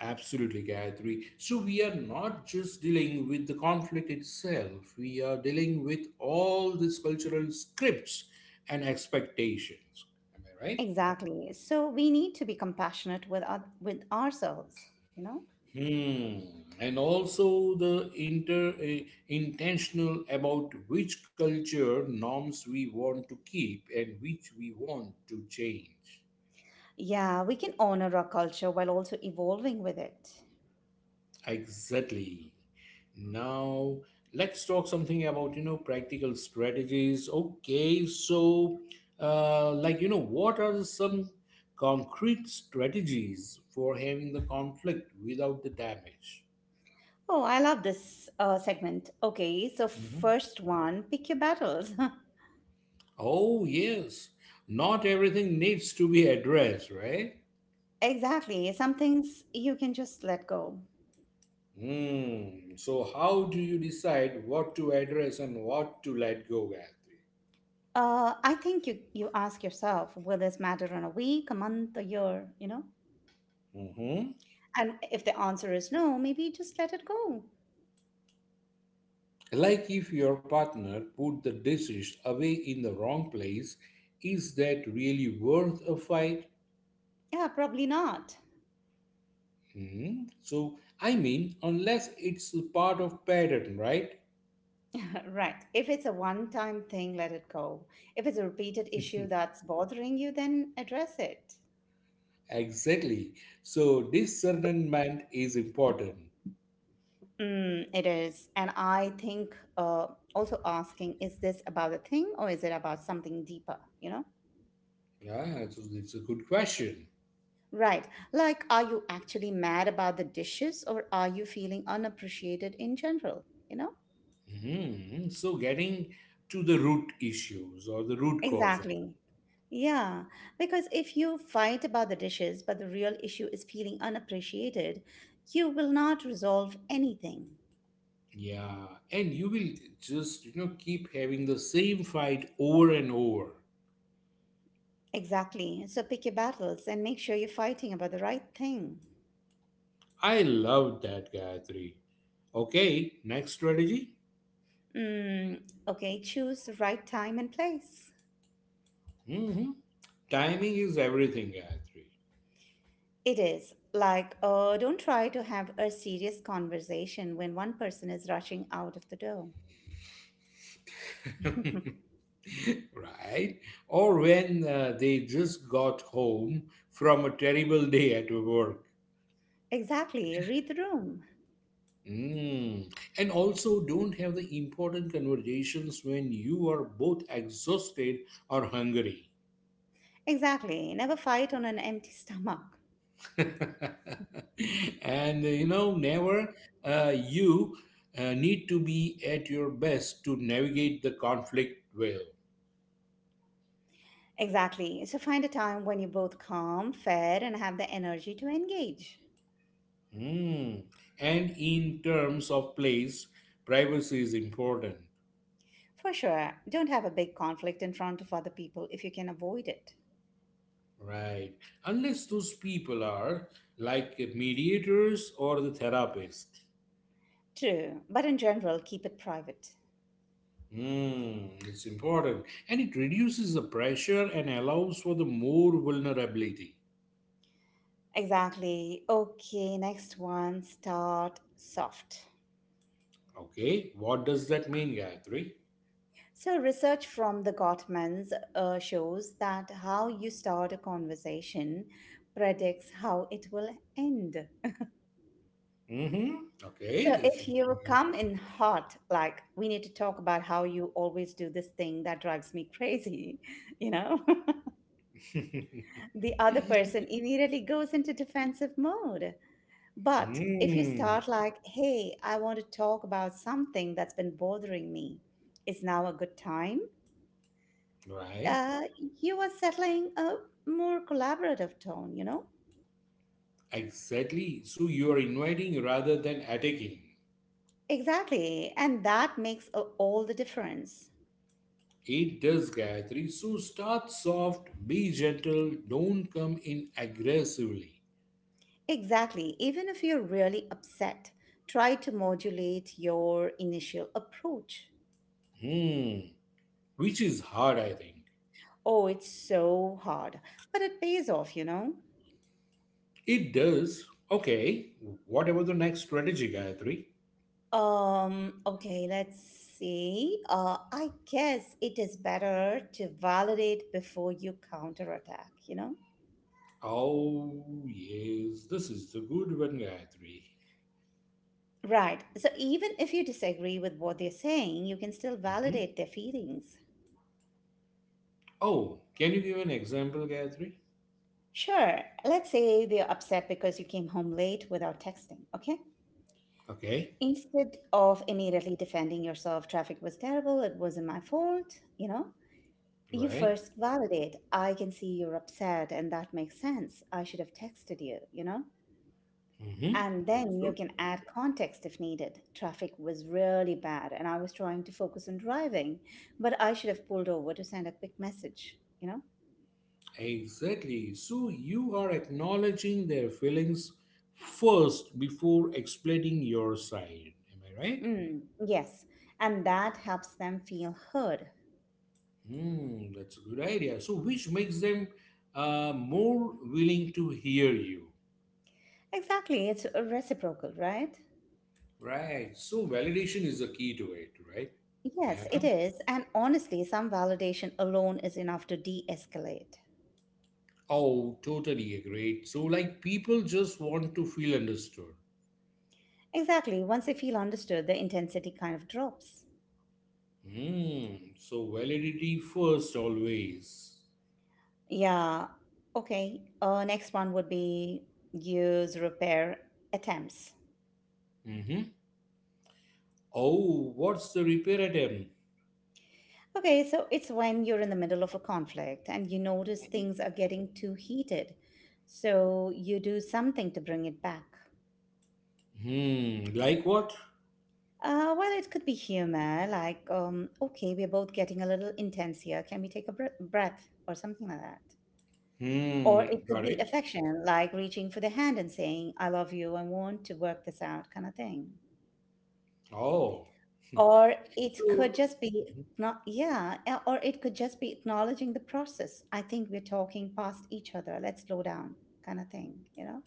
Speaker 1: Absolutely, Gayatri. So, we are not just dealing with the conflict itself, we are dealing with all these cultural scripts and expectations. Am I right?
Speaker 2: Exactly. So we need to be compassionate with our, with ourselves, you know?
Speaker 1: Hmm. And also the inter eh, intentional about which culture norms we want to keep and which we want to change.
Speaker 2: Yeah, we can honor our culture while also evolving with it.
Speaker 1: Exactly. Now let's talk something about you know practical strategies. Okay, so uh, like you know what are some concrete strategies for having the conflict without the damage?
Speaker 2: Oh, I love this uh, segment. Okay, so
Speaker 1: Mm-hmm.
Speaker 2: first one, pick your battles.
Speaker 1: Oh, yes. Not everything needs to be addressed, right?
Speaker 2: exactly. Some things you can just let go.
Speaker 1: Hmm. So, how do you decide what to address and what to let go, Gayatri?
Speaker 2: Uh, I think you, you ask yourself, will this matter in a week, a month, a year, you know?
Speaker 1: hmm
Speaker 2: And if the answer is no, maybe just let it go.
Speaker 1: Like if your partner put the dishes away in the wrong place, is that really worth a fight?
Speaker 2: Yeah, probably not.
Speaker 1: Hmm. So, I mean, unless it's a part of pattern, right?
Speaker 2: Right. If it's a one time thing, let it go. If it's a repeated issue that's bothering you, then address it.
Speaker 1: Exactly. So, discernment is important.
Speaker 2: Mm, it is. And I think uh, also asking, is this about a thing or is it about something deeper? You know?
Speaker 1: Yeah, so it's a good question.
Speaker 2: Right. Like, are you actually mad about the dishes or are you feeling unappreciated in general? You know?
Speaker 1: Hmm. So getting to the root issues or the root cause of it.
Speaker 2: Exactly. Yeah, because if you fight about the dishes, but the real issue is feeling unappreciated, you will not resolve anything.
Speaker 1: Yeah. And you will just, you know, keep having the same fight over and over.
Speaker 2: Exactly. So pick your battles and make sure you're fighting about the right thing.
Speaker 1: I love that, Gayatri. Okay, next strategy.
Speaker 2: Mm, okay, choose the right time and place.
Speaker 1: hmm Timing is everything, Gayatri.
Speaker 2: It is like, uh, don't try to have a serious conversation when one person is rushing out of the door.
Speaker 1: Right? Or when uh, they just got home from a terrible day at work.
Speaker 2: Exactly. Read the room.
Speaker 1: Mm. And also, don't have the important conversations when you are both exhausted or hungry.
Speaker 2: Exactly. Never fight on an empty stomach.
Speaker 1: And you know, never uh, you uh, need to be at your best to navigate the conflict well.
Speaker 2: Exactly. So find a time when you're both calm, fed, and have the energy to engage.
Speaker 1: Mm. And in terms of place, privacy is important,
Speaker 2: For sure. Don't have a big conflict in front of other people if you can avoid it.
Speaker 1: right? Unless those people are like mediators or the therapist.
Speaker 2: True, but in general, keep it private.
Speaker 1: Mm, it's important and it reduces the pressure and allows for the more vulnerability.
Speaker 2: Exactly. Okay, next one start soft.
Speaker 1: Okay, what does that mean, Gayatri?
Speaker 2: So, research from the Gottmans uh, shows that how you start a conversation predicts how it will end.
Speaker 1: Mm-hmm.
Speaker 2: So,
Speaker 1: Okay, that's
Speaker 2: if you come
Speaker 1: interesting.
Speaker 2: in hot, like we need to talk about how you always do this thing that drives me crazy, you know, the other person immediately goes into defensive mode. But if you
Speaker 1: Mm,
Speaker 2: start like, hey, I want to talk about something that's been bothering me, is now a good time?
Speaker 1: right,
Speaker 2: Uh, you are settling a more collaborative tone, you know?
Speaker 1: exactly. So you are inviting rather than attacking.
Speaker 2: Exactly. And that makes a- all the difference.
Speaker 1: It does, Gayatri. So start soft, be gentle, don't come in aggressively.
Speaker 2: Exactly. Even if you're really upset, try to modulate your initial approach.
Speaker 1: Hmm, which is hard, I think.
Speaker 2: Oh, it's so hard, but it pays off, you know?
Speaker 1: It does. Okay, what about the next strategy, Gayatri?
Speaker 2: Um, okay, let's see. Uh, I guess it is better to validate before you counterattack, you know?
Speaker 1: Oh, yes, this is the good one, Gayatri.
Speaker 2: Right. So even if you disagree with what they're saying, you can still
Speaker 1: hmm
Speaker 2: validate their feelings.
Speaker 1: Oh, can you give an example, Gayatri?
Speaker 2: Sure. Let's say they're upset because you came home late without texting, okay?
Speaker 1: Okay,
Speaker 2: Instead of immediately defending yourself, traffic was terrible, it wasn't my fault, you know? You
Speaker 1: right.
Speaker 2: first validate. I can see you're upset, and that makes sense. I should have texted you, you know?
Speaker 1: Mm-hmm.
Speaker 2: And
Speaker 1: That's
Speaker 2: then you
Speaker 1: true.
Speaker 2: can add context if needed. Traffic was really bad, and I was trying to focus on driving, but I should have pulled over to send a quick message, you know?
Speaker 1: Exactly. So you are acknowledging their feelings first before explaining your side. Am I right?
Speaker 2: Mm, yes, and that helps them feel heard.
Speaker 1: Hmm, that's a good idea. So, which makes them uh, more willing to hear you.
Speaker 2: Exactly, it's reciprocal, right?
Speaker 1: Right. So validation is the key to it, right?
Speaker 2: Yes,
Speaker 1: Yeah.
Speaker 2: it is. And honestly, some validation alone is enough to de escalate.
Speaker 1: Oh, totally agreed. So like people just want to feel understood.
Speaker 2: Exactly, once they feel understood, the intensity kind of drops.
Speaker 1: Hmm. So validity first always.
Speaker 2: Yeah. Okay. Uh, next one would be use repair attempts.
Speaker 1: Mm-hmm. Oh, what's the repair item?
Speaker 2: Okay, so it's when you're in the middle of a conflict and you notice things are getting too heated. So you do something to bring it back.
Speaker 1: Hmm. Like what?
Speaker 2: Uh, well, it could be humor, like, um, okay, we're both getting a little intense here. Can we take a br- breath or something like that? Or it
Speaker 1: Hmm.
Speaker 2: could
Speaker 1: Got
Speaker 2: be
Speaker 1: it.
Speaker 2: affection, like reaching for the hand and saying, I love you, I want to work this out, kind of thing.
Speaker 1: Oh.
Speaker 2: Or it
Speaker 1: So
Speaker 2: could just be not, yeah, eh, or it could just be acknowledging the process. I think we're talking past each other. Let's slow down, kind of thing, you know?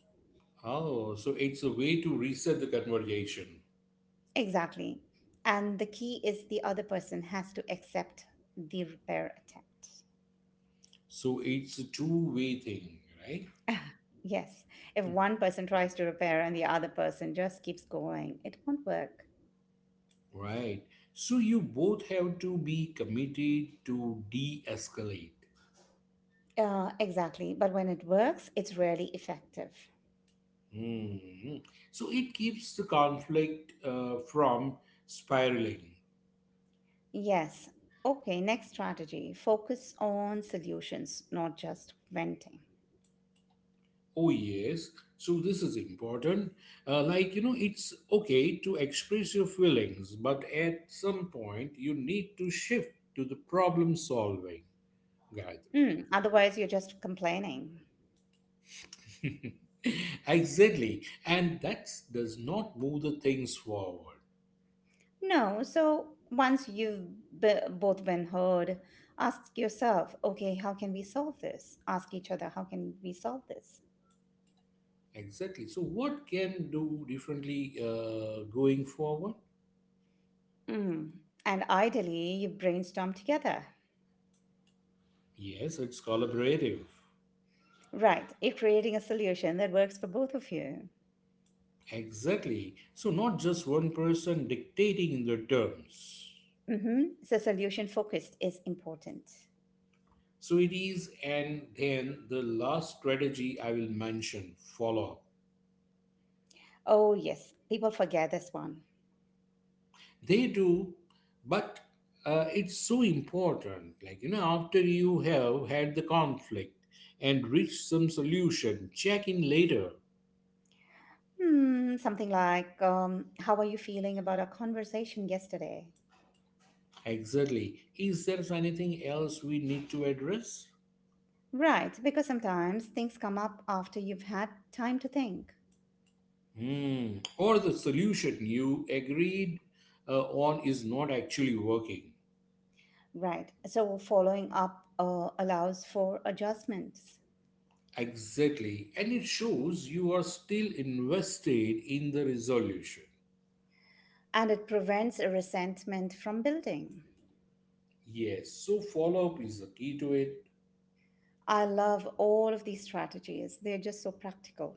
Speaker 1: Oh, so it's a way to reset the conversation.
Speaker 2: Exactly. And the key is the other person has to accept the repair attempt.
Speaker 1: So it's a two-way thing, right?
Speaker 2: Ah, yes. If one person tries to repair and the other person just keeps going, it won't work.
Speaker 1: Right. So you both have to be committed to de escalate.
Speaker 2: Uh, exactly. But when it works, it's really effective.
Speaker 1: Hmm. So it keeps the conflict uh, from spiraling.
Speaker 2: Yes. Okay, next strategy focus on solutions, not just venting.
Speaker 1: Oh, yes. So this is important. Uh, like, you know, it's okay to express your feelings, but at some point, you need to shift to the problem solving gathering.
Speaker 2: Mm, otherwise, you're just complaining.
Speaker 1: Exactly. And that does not move the things forward.
Speaker 2: No, so once you've b- both been heard, ask yourself, okay, how can we solve this? Ask each other, how can we solve this?
Speaker 1: Exactly. So, what can do differently uh, going forward?
Speaker 2: Mm. And ideally, you brainstorm together.
Speaker 1: Yes, it's collaborative.
Speaker 2: Right, you're creating a solution that works for both of you.
Speaker 1: Exactly. So, not just one person dictating the terms.
Speaker 2: Hmm So, solution focused is important.
Speaker 1: So, it is, and then the last strategy I will mention follow up.
Speaker 2: Oh, yes, people forget this one.
Speaker 1: They do, but uh, it's so important. Like, you know, after you have had the conflict and reached some solution, check in later.
Speaker 2: Hmm, something like, um, how are you feeling about our conversation yesterday?
Speaker 1: Exactly. Is there anything else we need to address?
Speaker 2: Right, because sometimes things come up after you've had time to think.
Speaker 1: Hmm. Or the solution you agreed uh, on is not actually working?
Speaker 2: Right, so following up uh, allows for adjustments
Speaker 1: Exactly. And it shows you are still invested in the resolution.
Speaker 2: and it prevents resentment from building.
Speaker 1: Yes, so follow up is the key to it.
Speaker 2: I love all of these strategies, they're just so practical.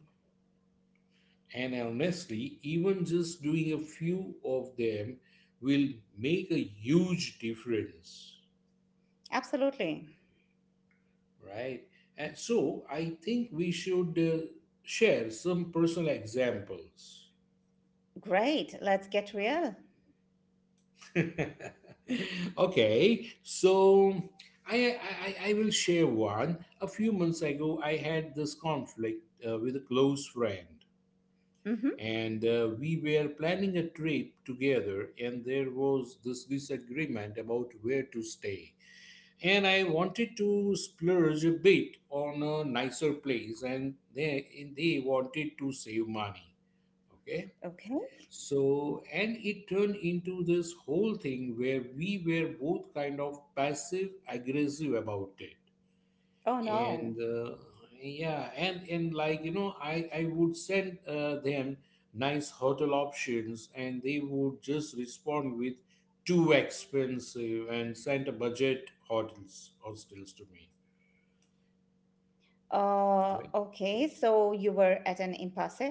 Speaker 1: And honestly, even just doing a few of them will make a huge difference.
Speaker 2: Absolutely.
Speaker 1: Right. And so I think we should uh, share some personal examples.
Speaker 2: Great, let's get real.
Speaker 1: Okay. So I, I, I I will share one. A few months ago, I had this conflict uh, with a close friend.
Speaker 2: Mm-hmm.
Speaker 1: And uh, we were planning a trip together, and there was this disagreement about where to stay. And I wanted to splurge a bit on a nicer place, and they and they wanted to save money. Okay,
Speaker 2: Okay.
Speaker 1: so and it turned into this whole thing where we were both kind of passive aggressive about it
Speaker 2: Oh no.
Speaker 1: and uh, yeah, and and like, you know, i i would send uh, them nice hotel options, and they would just respond with too expensive and send a budget hotels hostels to me,
Speaker 2: Uh,
Speaker 1: right?
Speaker 2: okay, so you were at an impasse?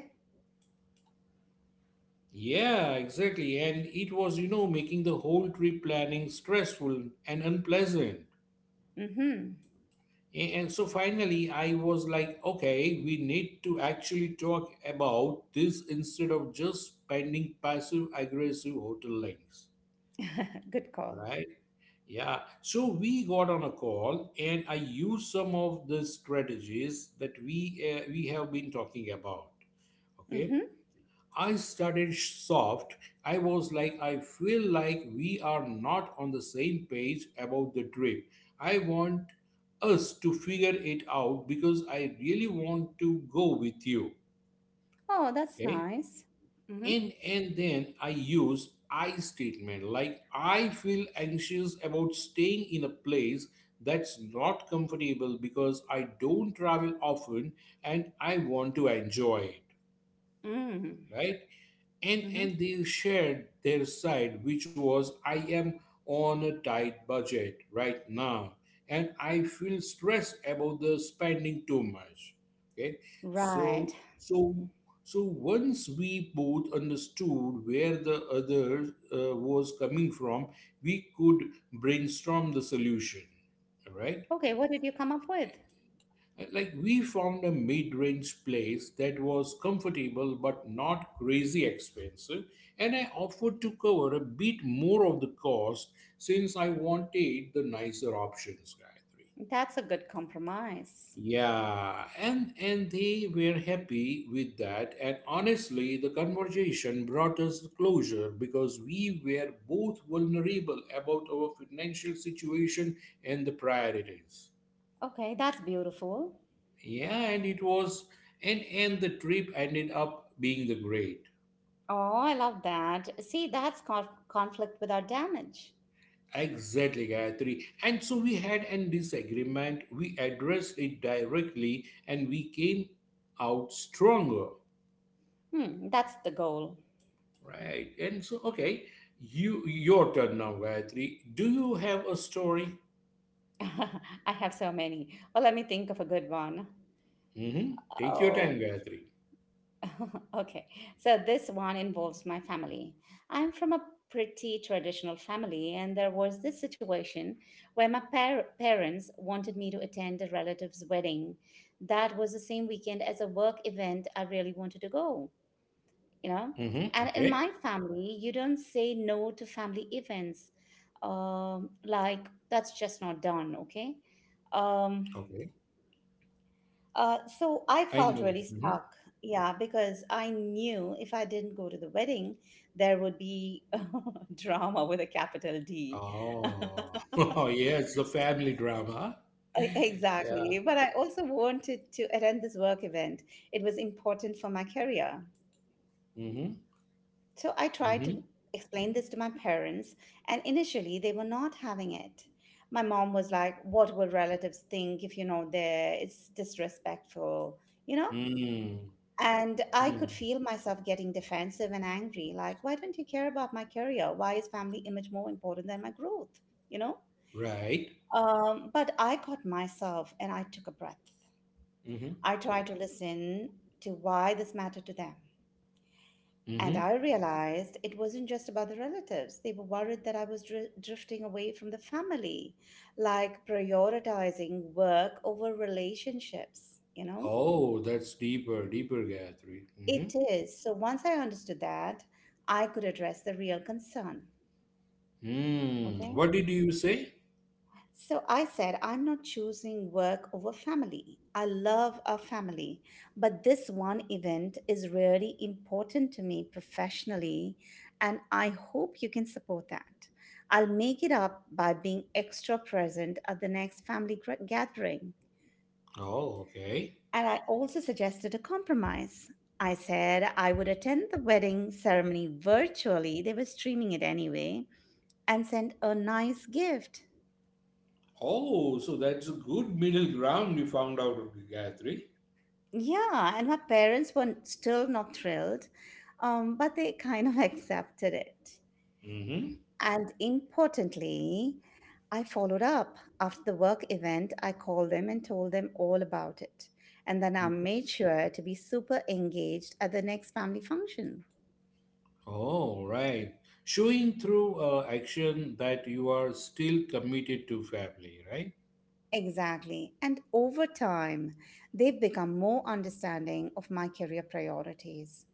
Speaker 1: Yeah, exactly. And it was, you know, making the whole trip planning stressful and unpleasant.
Speaker 2: Mm-hmm.
Speaker 1: A- And so finally, I was like, okay, we need to actually talk about this instead of just spending passive aggressive hotel links,
Speaker 2: Good call.
Speaker 1: right? Yeah. So we got on a call, and I used some of the strategies that we uh, we have been talking about. Okay.
Speaker 2: Hmm
Speaker 1: I started soft. I was like, I feel like we are not on the same page about the trip. I want us to figure it out because I really want to go with you.
Speaker 2: Oh, that's
Speaker 1: Okay?
Speaker 2: nice. Hmm
Speaker 1: And and then I use I statement, like, I feel anxious about staying in a place that's not comfortable because I don't travel often and I want to enjoy it.
Speaker 2: Mm-hmm.
Speaker 1: Right. and and
Speaker 2: Mm-hmm.
Speaker 1: they shared their side, which was, I am on a tight budget right now and I feel stressed about the spending too much. Okay.
Speaker 2: Right.
Speaker 1: So so so once we both understood where the other uh, was coming from, we could brainstorm the solution. All right.
Speaker 2: Okay, what did you come up with?
Speaker 1: Like, we found a mid-range place that was comfortable but not crazy expensive, and I offered to cover a bit more of the cost since I wanted the nicer options, Gayatri.
Speaker 2: That's a good compromise.
Speaker 1: Yeah, and and they were happy with that, and honestly, the conversation brought us closure because we were both vulnerable about our financial situation and the priorities.
Speaker 2: Okay, that's beautiful.
Speaker 1: Yeah, and it was, and and the trip ended up being the great.
Speaker 2: Oh, I love that. See, that's conf- conflict without damage.
Speaker 1: Exactly, Gayatri. And so we had an disagreement. We addressed it directly, and we came out stronger,
Speaker 2: Hmm, that's the goal.
Speaker 1: right? And so, okay, you your turn now, Gayatri. Do you have a story?
Speaker 2: I have so many. Well, let me think of a good one.
Speaker 1: Mm-hmm. Take your
Speaker 2: Oh,
Speaker 1: time, Gayatri.
Speaker 2: okay, so this one involves my family. I'm from a pretty traditional family, and there was this situation where my par- parents wanted me to attend a relative's wedding. That was the same weekend as a work event I really wanted to go, you know?
Speaker 1: Mm-hmm.
Speaker 2: And in
Speaker 1: Okay.
Speaker 2: my family, you don't say no to family events. Um, like, that's just not done, okay? Um,
Speaker 1: Okay.
Speaker 2: uh, so I
Speaker 1: I
Speaker 2: felt
Speaker 1: know.
Speaker 2: really
Speaker 1: Mm-hmm.
Speaker 2: stuck, yeah, because I knew if I didn't go to the wedding, there would be drama with a capital D.
Speaker 1: Oh, yes, the family drama.
Speaker 2: E-
Speaker 1: Yeah.
Speaker 2: Exactly. But I also wanted to attend this work event. It was important for my career.
Speaker 1: Mm-hmm.
Speaker 2: So I tried
Speaker 1: Mm-hmm.
Speaker 2: to explain this to my parents, and initially they were not having it. My mom was like, what will relatives think if you're not there? It's disrespectful, you know?
Speaker 1: Mm,
Speaker 2: And I
Speaker 1: mm,
Speaker 2: could feel myself getting defensive and angry. Like, why don't you care about my career? Why is family image more important than my growth? You know?
Speaker 1: right.
Speaker 2: Um, but I caught myself and I took a breath.
Speaker 1: Mm-hmm.
Speaker 2: I tried to listen to why this mattered to them. And
Speaker 1: Mm-hmm.
Speaker 2: I realized it wasn't just about the relatives. They were worried that I was dri- drifting away from the family, like prioritizing work over relationships, you know?
Speaker 1: Oh, that's deeper, deeper, Gayatri. Mm-hmm.
Speaker 2: It is. So once I understood that, I could address the real concern.
Speaker 1: Mm.
Speaker 2: Okay.
Speaker 1: What did you say?
Speaker 2: So I said, I'm not choosing work over family. I love our family, but this one event is really important to me professionally, and I hope you can support that. I'll make it up by being extra present at the next family gra- gathering.
Speaker 1: Oh, okay.
Speaker 2: And I also suggested a compromise. I said I would attend the wedding ceremony virtually, they were streaming it anyway, and send a nice gift.
Speaker 1: Oh, so that's a good middle ground you found out, Gayatri.
Speaker 2: Yeah, and my parents were still not thrilled, um, but they kind of accepted it.
Speaker 1: Mm-hmm.
Speaker 2: And importantly, I followed up. After the work event, I called them and told them all about it. And then I
Speaker 1: Mm-hmm.
Speaker 2: made sure to be super engaged at the next family function.
Speaker 1: Oh, right. Showing through uh, action that you are still committed to family, right?
Speaker 2: Exactly. And over time, they've become more understanding of my career priorities.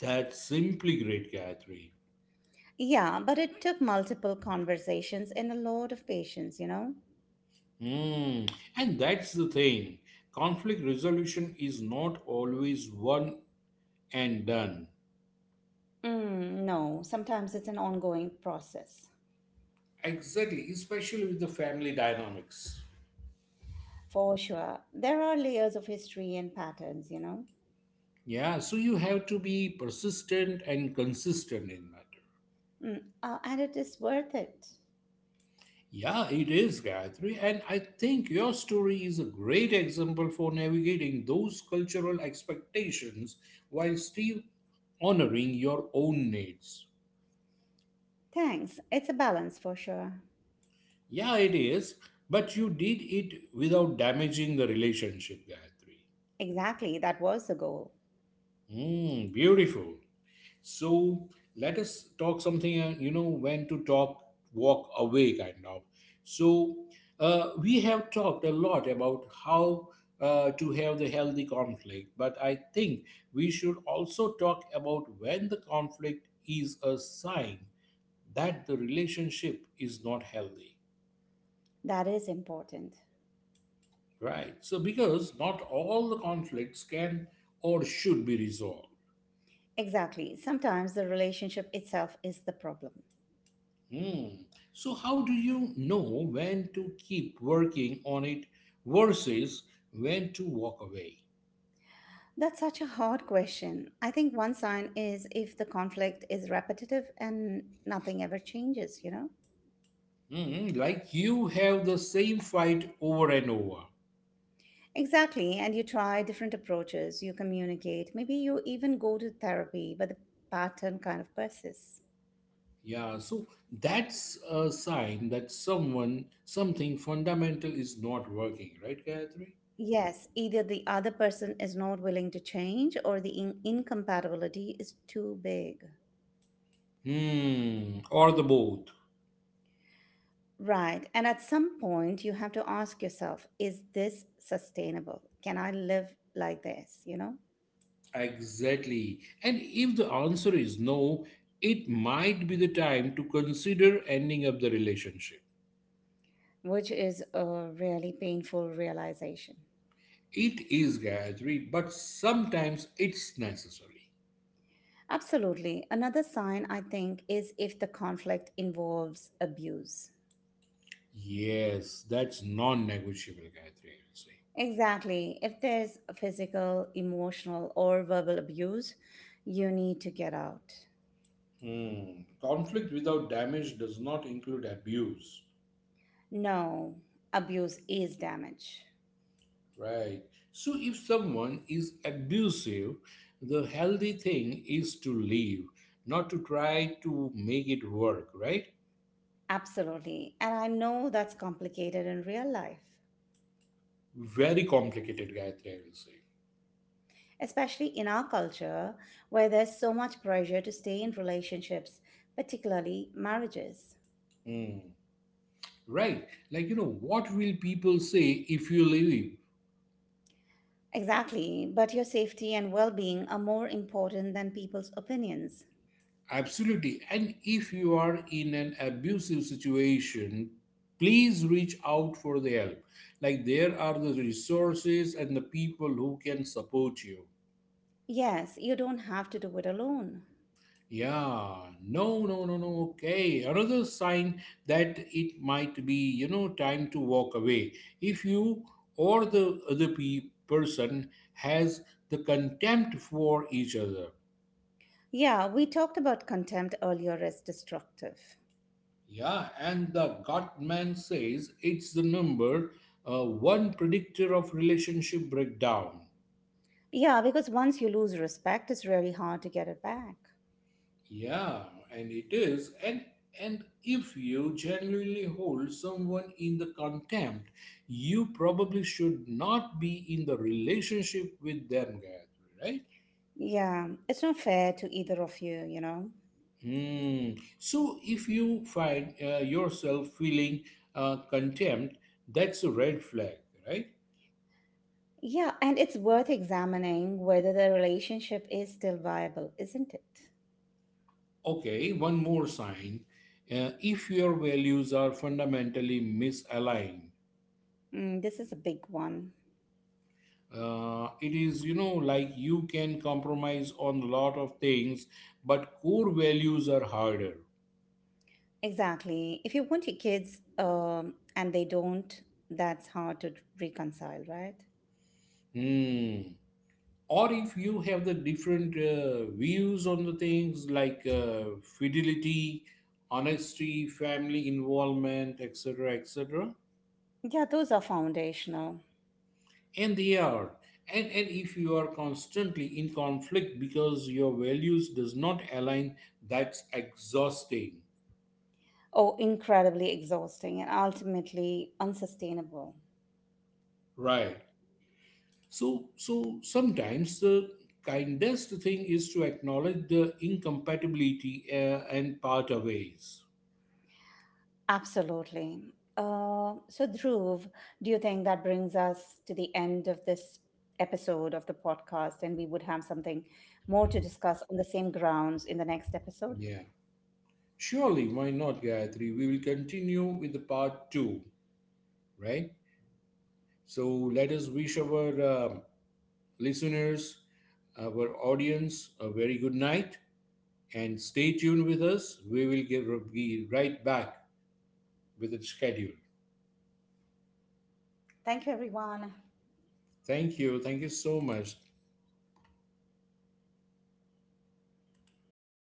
Speaker 1: That's simply great, Gayatri.
Speaker 2: Yeah, but it took multiple conversations and a lot of patience, you know?
Speaker 1: Hmm. And that's the thing. Conflict resolution is not always one and done.
Speaker 2: Mm, no, sometimes it's an ongoing process.
Speaker 1: Exactly, especially with the family dynamics.
Speaker 2: For sure. There are layers of history and patterns, you know?
Speaker 1: Yeah, so you have to be persistent and consistent in matter.
Speaker 2: Mm, uh, and it is worth it.
Speaker 1: Yeah, it is, Gayatri. And I think your story is a great example for navigating those cultural expectations while still honoring your own needs.
Speaker 2: Thanks. It's a balance for sure.
Speaker 1: Yeah, it is. But you did it without damaging the relationship, Gayatri.
Speaker 2: Exactly. That was the goal.
Speaker 1: Mm, beautiful. So let us talk something, uh, you know, when to talk, walk away, kind of. So uh, we have talked a lot about how uh, to have the healthy conflict, but I think we should also talk about when the conflict is a sign that the relationship is not healthy.
Speaker 2: That is important.
Speaker 1: Right. So, because not all the conflicts can or should be resolved.
Speaker 2: Exactly. Sometimes the relationship itself is the problem.
Speaker 1: Hmm. So, how do you know when to keep working on it versus when to walk away?
Speaker 2: That's such a hard question. I think one sign is if the conflict is repetitive and nothing ever changes, you know?
Speaker 1: Hmm. Like, you have the same fight over and over.
Speaker 2: Exactly. And you try different approaches, you communicate, maybe you even go to therapy, but the pattern kind of persists.
Speaker 1: Yeah. So, that's a sign that someone, something fundamental is not working, right, Gayatri?
Speaker 2: Yes, either the other person is not willing to change or the in- incompatibility is too big.
Speaker 1: Hmm. Or the both.
Speaker 2: Right. And at some point, you have to ask yourself, is this sustainable? Can I live like this? You know?
Speaker 1: Exactly. And if the answer is no, it might be the time to consider ending up the relationship.
Speaker 2: Which is a really painful realization.
Speaker 1: It is, Gayatri, but sometimes it's necessary.
Speaker 2: Absolutely. Another sign, I think, is if the conflict involves abuse.
Speaker 1: Yes, that's non negotiable, Gayatri, I would say.
Speaker 2: Exactly. If there's physical, emotional, or verbal abuse, you need to get out.
Speaker 1: Hmm. Conflict without damage does not include abuse.
Speaker 2: No, abuse is damage.
Speaker 1: Right. So if someone is abusive, the healthy thing is to leave, not to try to make it work, right?
Speaker 2: Absolutely. And I know that's complicated in real life,
Speaker 1: Very complicated, Gayatri, I will say.
Speaker 2: especially in our culture where there's so much pressure to stay in relationships, particularly marriages.
Speaker 1: Hmm. Right. Like, you know, what will people say if you leave?
Speaker 2: Exactly, but your safety and well being are more important than people's opinions.
Speaker 1: Absolutely. And if you are in an abusive situation, please reach out for the help. Like, there are the resources and the people who can support you.
Speaker 2: Yes, you don't have to do it alone.
Speaker 1: Yeah, no, no, no, no. Okay. Another sign that it might be, you know, time to walk away. If you or the other pe- person has the contempt for each other.
Speaker 2: Yeah, we talked about contempt earlier as destructive.
Speaker 1: Yeah, and the Gottman says it's the number uh, one predictor of relationship breakdown.
Speaker 2: Yeah, because once you lose respect, it's really hard to get it back.
Speaker 1: Yeah, and it is. And and if you genuinely hold someone in the contempt, you probably should not be in the relationship with them, Gayatri, right?
Speaker 2: Yeah, it's not fair to either of you, you know?
Speaker 1: Hmm. So if you find uh, yourself feeling uh, contempt, that's a red flag, right?
Speaker 2: Yeah, and it's worth examining whether the relationship is still viable, isn't it?
Speaker 1: Okay, one more sign. Uh, if your values are fundamentally misaligned,
Speaker 2: Mm, this is a big one.
Speaker 1: uh, it is, you know, like, you can compromise on a lot of things but core values are harder.
Speaker 2: Exactly. If you want your kids um, and they don't, that's hard to reconcile, right?
Speaker 1: Hmm. Or if you have the different uh, views on the things like uh, fidelity, honesty, family involvement, etc etc.
Speaker 2: Yeah, those are foundational.
Speaker 1: And they are, and and if you are constantly in conflict because your values does not align, that's exhausting,
Speaker 2: Oh, incredibly exhausting and ultimately unsustainable.
Speaker 1: right? So, so sometimes the kindest thing is to acknowledge the incompatibility uh, and part our ways.
Speaker 2: Absolutely. Uh, so, Dhruv, do you think that brings us to the end of this episode of the podcast and we would have something more to discuss on the same grounds in the next episode?
Speaker 1: Yeah. Surely, why not, Gayatri? We will continue with the part two, right? So let us wish our uh, listeners, our audience, a very good night and stay tuned with us. We will get, be right back with the schedule.
Speaker 2: Thank you, everyone.
Speaker 1: Thank you. Thank you so much.